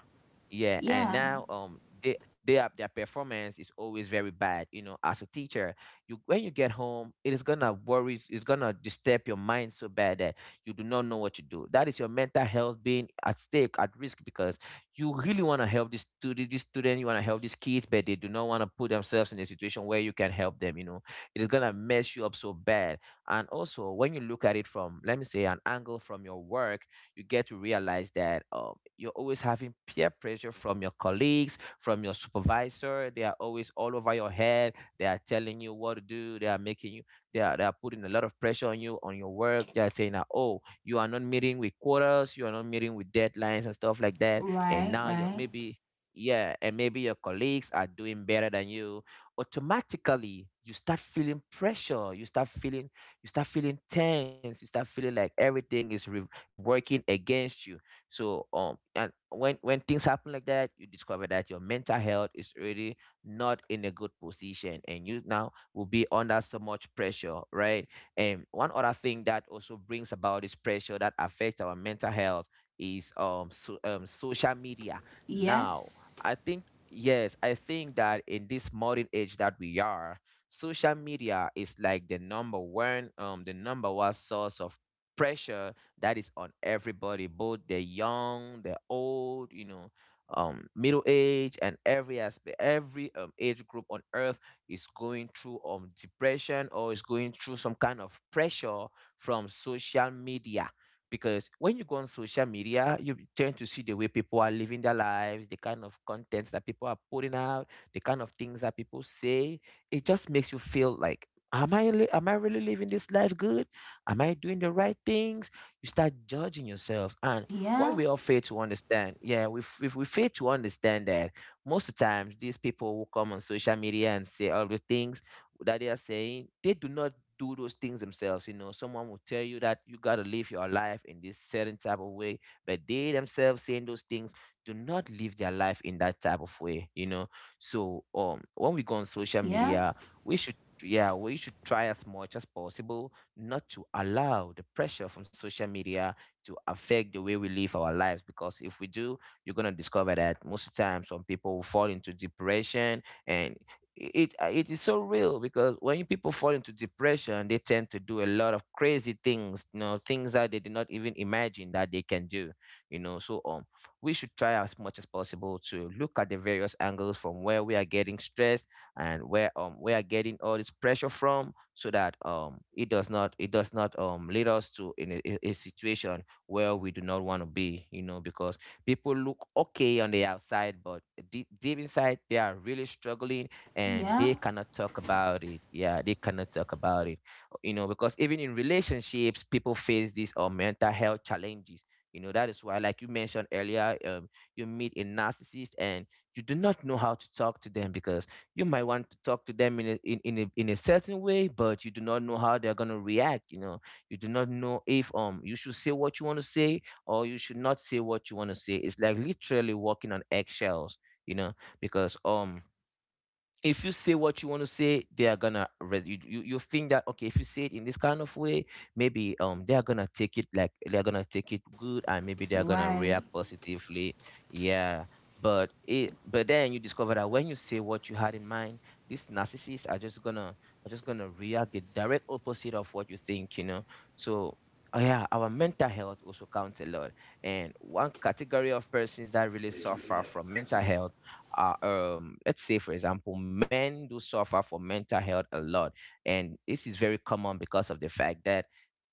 Speaker 2: yeah. And
Speaker 1: Yeah,
Speaker 2: now they are, their performance is always very bad, you know. As a teacher, you when you get home, it is gonna worry, it's gonna disturb your mind so bad that you do not know what to do. That is your mental health being at stake, at risk, because you really want to help this student, you want to help these kids, but they do not want to put themselves in a situation where you can help them, you know. It is gonna mess you up so bad. And also, when you look at it from, let me say, an angle from your work, you get to realize that you're always having peer pressure from your colleagues, from your supervisor. They are always all over your head. They are telling you what to do. They are making you. They are putting a lot of pressure on you, on your work. They are saying that, oh, you are not meeting with quotas, you are not meeting with deadlines and stuff like that. And
Speaker 1: right,
Speaker 2: now you're
Speaker 1: right.
Speaker 2: maybe, yeah, and maybe your colleagues are doing better than you. Automatically you start feeling pressure, you start feeling tense, you start feeling like everything is working against you. So and when things happen like that, you discover that your mental health is really not in a good position, and you now will be under so much pressure, right? And one other thing that also brings about this pressure that affects our mental health is social media. Now,
Speaker 1: Yes.
Speaker 2: I think, yes, I think that in this modern age that we are, social media is like the number one, the number one source of pressure that is on everybody, both the young, the old, you know, middle age, and every aspect, every, age group on earth is going through depression, or is going through some kind of pressure from social media. Because when you go on social media, you tend to see the way people are living their lives, the kind of contents that people are putting out, the kind of things that people say. It just makes you feel like, am I really living this life good? Am I doing the right things? You start judging yourselves. And what
Speaker 1: Yeah,
Speaker 2: we all fail to understand, yeah, if we fail to understand that most of the times these people will come on social media and say all the things that they are saying, they do not do those things themselves. You know, someone will tell you that you gotta live your life in this certain type of way, but they themselves saying those things do not live their life in that type of way. You know, so when we go on social
Speaker 1: yeah,
Speaker 2: media, we should yeah, we should try as much as possible not to allow the pressure from social media to affect the way we live our lives. Because if we do, you're gonna discover that most of the time some people will fall into depression, and it is so real, because when you people fall into depression, they tend to do a lot of crazy things, you know, things that they did not even imagine that they can do. You know, so we should try as much as possible to look at the various angles from where we are getting stressed, and where we are getting all this pressure from, so that it does not lead us to in a situation where we do not want to be, you know. Because people look okay on the outside, but deep inside they are really struggling, and
Speaker 1: yeah,
Speaker 2: they cannot talk about it. Yeah, they cannot talk about it, you know. Because even in relationships, people face these, or mental health challenges, you know. That is why, like you mentioned earlier, you meet a narcissist and you do not know how to talk to them, because you might want to talk to them in a certain way, but you do not know how they're going to react, you know. You do not know if, you should say what you want to say, or you should not say what you want to say. It's like literally walking on eggshells, you know. Because if you say what you want to say, they are gonna you think that, okay, if you say it in this kind of way, maybe they are gonna take it, like, they are gonna take it good, and maybe they are gonna
Speaker 1: right.
Speaker 2: react positively. Yeah. But it but then you discover that when you say what you had in mind, these narcissists are just gonna, react the direct opposite of what you think, you know. So yeah, our mental health also counts a lot. And one category of persons that really suffer from mental health, let's say, for example, men do suffer for mental health a lot. And this is very common because of the fact that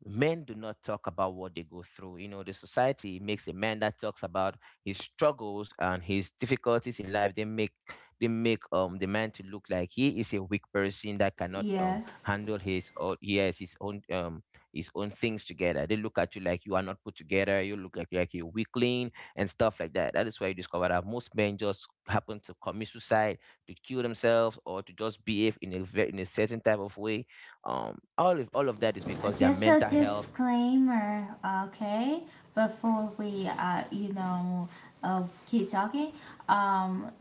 Speaker 2: men do not talk about what they go through. You know, the society makes a man that talks about his struggles and his difficulties in life, they make, they make the man to look like he is a weak person that cannot
Speaker 1: Yes.
Speaker 2: handle his, or he has his own things together. They look at you like you are not put together. You look like, a weakling and stuff like that. That is where you discover that most men just happen to commit suicide, to kill themselves, or to just behave in a certain type of way. All of that is because their
Speaker 1: Just a
Speaker 2: mental health.
Speaker 1: disclaimer, okay? Before we, you know, keep talking, um,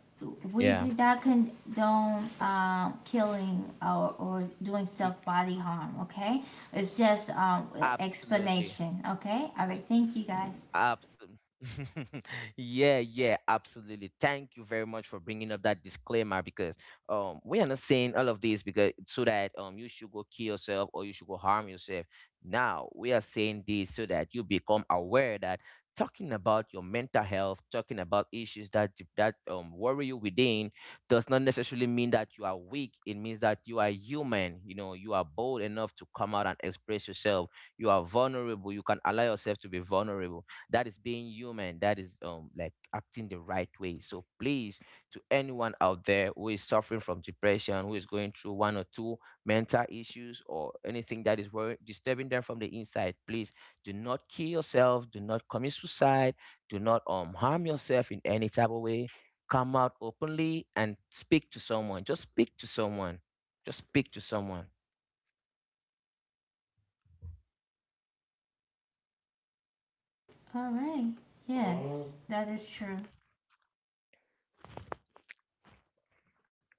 Speaker 1: we
Speaker 2: Yeah,
Speaker 1: do not condone, killing or doing
Speaker 2: e-
Speaker 1: self body harm, okay? It's just,
Speaker 2: absolutely.
Speaker 1: explanation, okay? All right, thank you guys.
Speaker 2: Absolutely. Yeah, yeah, absolutely. Thank you very much for bringing up that disclaimer, because we are not saying all of this because, so that you should go kill yourself or you should go harm yourself. Now we are saying this so that you become aware that talking about your mental health, talking about issues that that worry you within, does not necessarily mean that you are weak. It means that you are human. You know, you are bold enough to come out and express yourself. You are vulnerable. You can allow yourself to be vulnerable. That is being human, that is, like, acting the right way. So please, to anyone out there who is suffering from depression, who is going through one or two mental issues, or anything that is disturbing them from the inside, please, do not kill yourself, do not commit suicide, do not harm yourself in any type of way. Come out openly and speak to someone, just speak to someone, just speak to someone.
Speaker 1: All right, yes, that is true.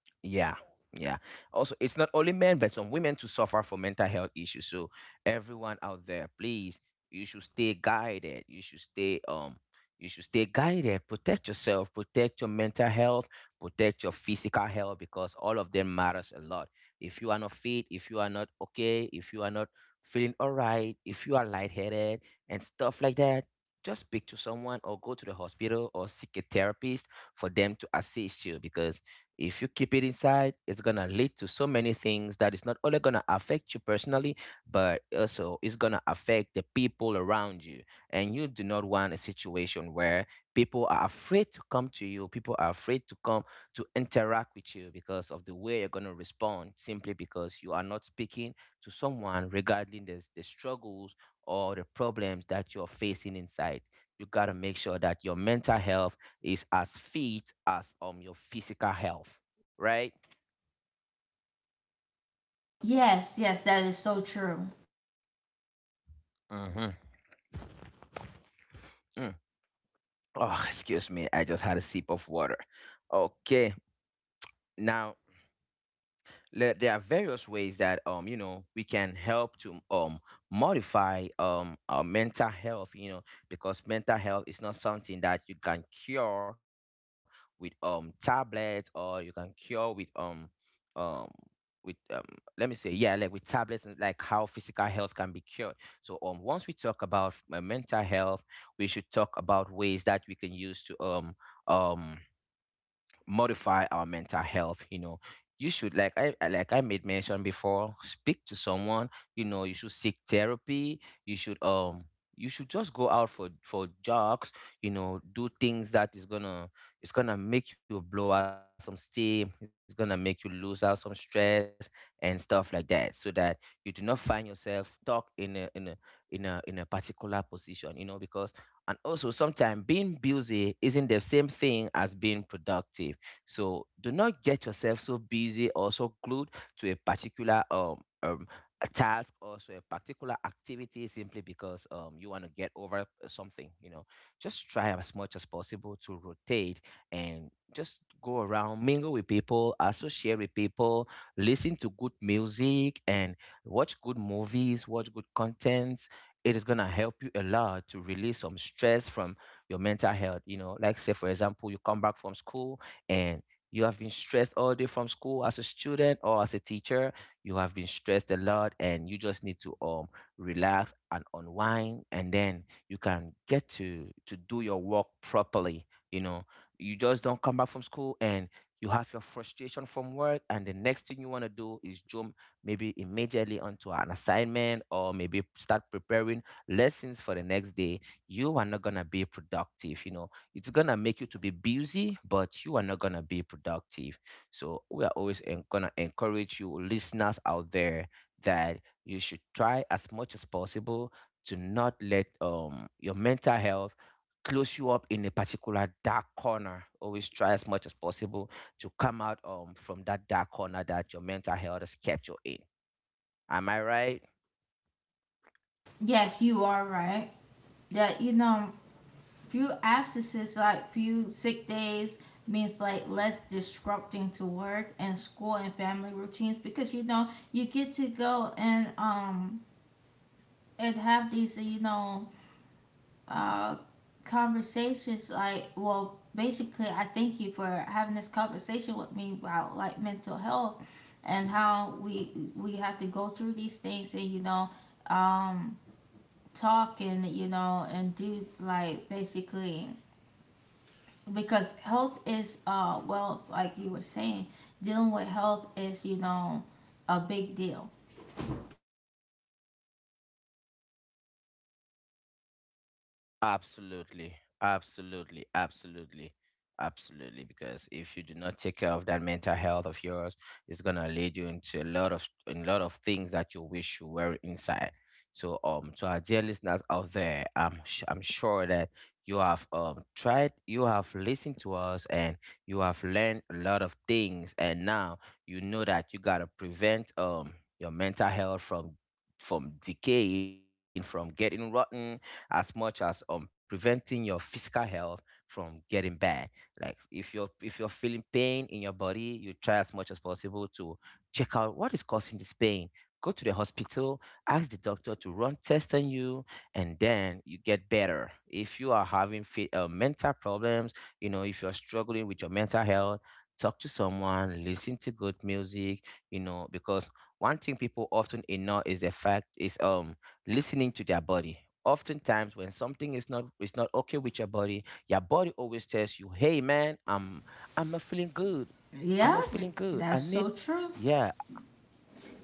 Speaker 2: Yeah, yeah. Also, it's not only men, but some women to suffer from mental health issues. So everyone out there, please, you should stay guided, you should stay, you should stay guided. Protect yourself, protect your mental health, protect your physical health, because all of them matters a lot. If you are not fit, if you are not okay, if you are not feeling all right, if you are lightheaded and stuff like that, just speak to someone, or go to the hospital, or seek a therapist for them to assist you. Because if you keep it inside, it's gonna lead to so many things that is not only gonna affect you personally, but also it's gonna affect the people around you. And you do not want a situation where people are afraid to come to you, people are afraid to come to interact with you because of the way you're gonna respond, simply because you are not speaking to someone regarding the struggles or the problems that you're facing inside. You gotta make sure that your mental health is as fit as your physical health, right?
Speaker 1: Yes, yes, that is so true.
Speaker 2: Mm-hmm. Mm. Oh, excuse me, I just had a sip of water. Okay. Now there are various ways that you know we can help to modify our mental health, you know, because mental health is not something that you can cure with tablets, or you can cure with um with um let me say yeah, like with tablets and like how physical health can be cured. So once we talk about mental health, we should talk about ways that we can use to um modify our mental health, you know. You should, like I made mention before, speak to someone, you know. You should seek therapy. you should um you should just go out for jogs, you know, do things that is gonna, it's gonna make you blow out some steam, it's gonna make you lose out some stress and stuff like that, so that you do not find yourself stuck in a in a in a in a particular position, you know, because. And also sometimes being busy isn't the same thing as being productive, so do not get yourself so busy or so glued to a particular um a task, or so a particular activity, simply because you want to get over something. You know, just try as much as possible to rotate and just go around, mingle with people, associate with people, listen to good music, and watch good movies, watch good contents. It is gonna help you a lot to release some stress from your mental health. You know, like say for example, you come back from school and you have been stressed all day from school. As a student or as a teacher, you have been stressed a lot and you just need to relax and unwind, and then you can get to do your work properly, you know. You just don't come back from school and you have your frustration from work and the next thing you want to do is jump maybe immediately onto an assignment, or maybe start preparing lessons for the next day. You are not going to be productive, you know. It's gonna make you to be busy, but you are not gonna be productive. So we are always gonna encourage you listeners out there that you should try as much as possible to not let your mental health close you up in a particular dark corner. Always try as much as possible to come out from that dark corner that your mental health has kept you in. Am I right?
Speaker 1: Yes, you are right. That, you know, few absences, like few sick days, means like less disrupting to work and school and family routines, because you know you get to go and, and have these, you know, uh conversations like, well, basically I thank you for having this conversation with me about like mental health, and how we have to go through these things, and you know, um talk, and you know, and do, like, basically because health is, wealth, like you were saying. Dealing with health is, you know, a big deal.
Speaker 2: Absolutely, absolutely, absolutely, absolutely. Because if you do not take care of that mental health of yours, it's gonna lead you into a lot of things that you wish you were inside. So, to our dear listeners out there, I'm sure that you have tried, you have listened to us, and you have learned a lot of things, and now you know that you gotta prevent your mental health from from decaying, from getting rotten, as much as preventing your physical health from getting bad. Like if you're feeling pain in your body, you try as much as possible to check out what is causing this pain. Go to the hospital, ask the doctor to run tests on you, and then you get better. If you are having mental problems, you know, if you're struggling with your mental health, talk to someone, listen to good music, you know, because one thing people often ignore is the fact is listening to their body. Oftentimes, when something is not okay with your body always tells you, "Hey, man, I'm not feeling good. I'm
Speaker 1: yeah
Speaker 2: not
Speaker 1: th-
Speaker 2: feeling good. I
Speaker 1: that's
Speaker 2: need,
Speaker 1: so true.
Speaker 2: yeah,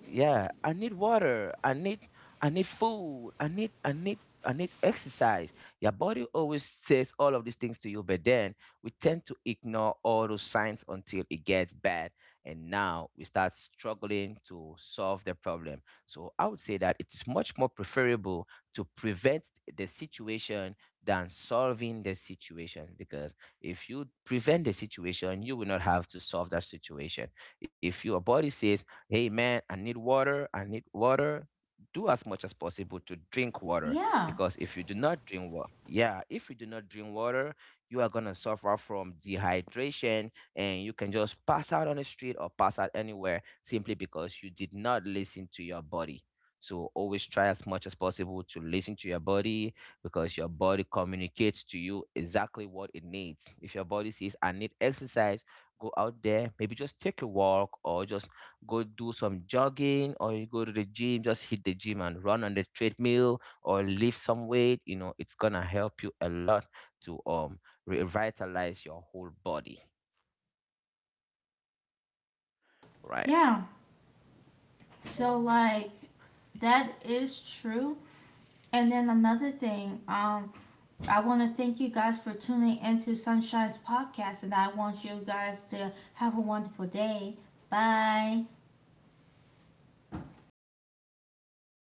Speaker 2: yeah, I need water, I need food, I need exercise." Your body always says all of these things to you, but then we tend to ignore all those signs until it gets bad, and now we start struggling to solve the problem. So I would say that it's much more preferable to prevent the situation than solving the situation, because if you prevent the situation, you will not have to solve that situation. If your body says, "Hey, man, I need water, I need water," do as much as possible to drink water.
Speaker 1: Yeah.
Speaker 2: Because if you do not drink water, yeah, if you do not drink water, you are going to suffer from dehydration, and you can just pass out on the street or pass out anywhere simply because you did not listen to your body. So always try as much as possible to listen to your body, because your body communicates to you exactly what it needs. If your body says, "I need exercise," go out there, maybe just take a walk, or just go do some jogging, or you go to the gym, just hit the gym and run on the treadmill or lift some weight. You know, it's gonna help you a lot to revitalize your whole body, right?
Speaker 1: yeah so like, that is true. And then another thing, I want to thank you guys for tuning into Sunshine's podcast, and I want you guys to have a wonderful day. Bye.
Speaker 2: Okay, have a lovely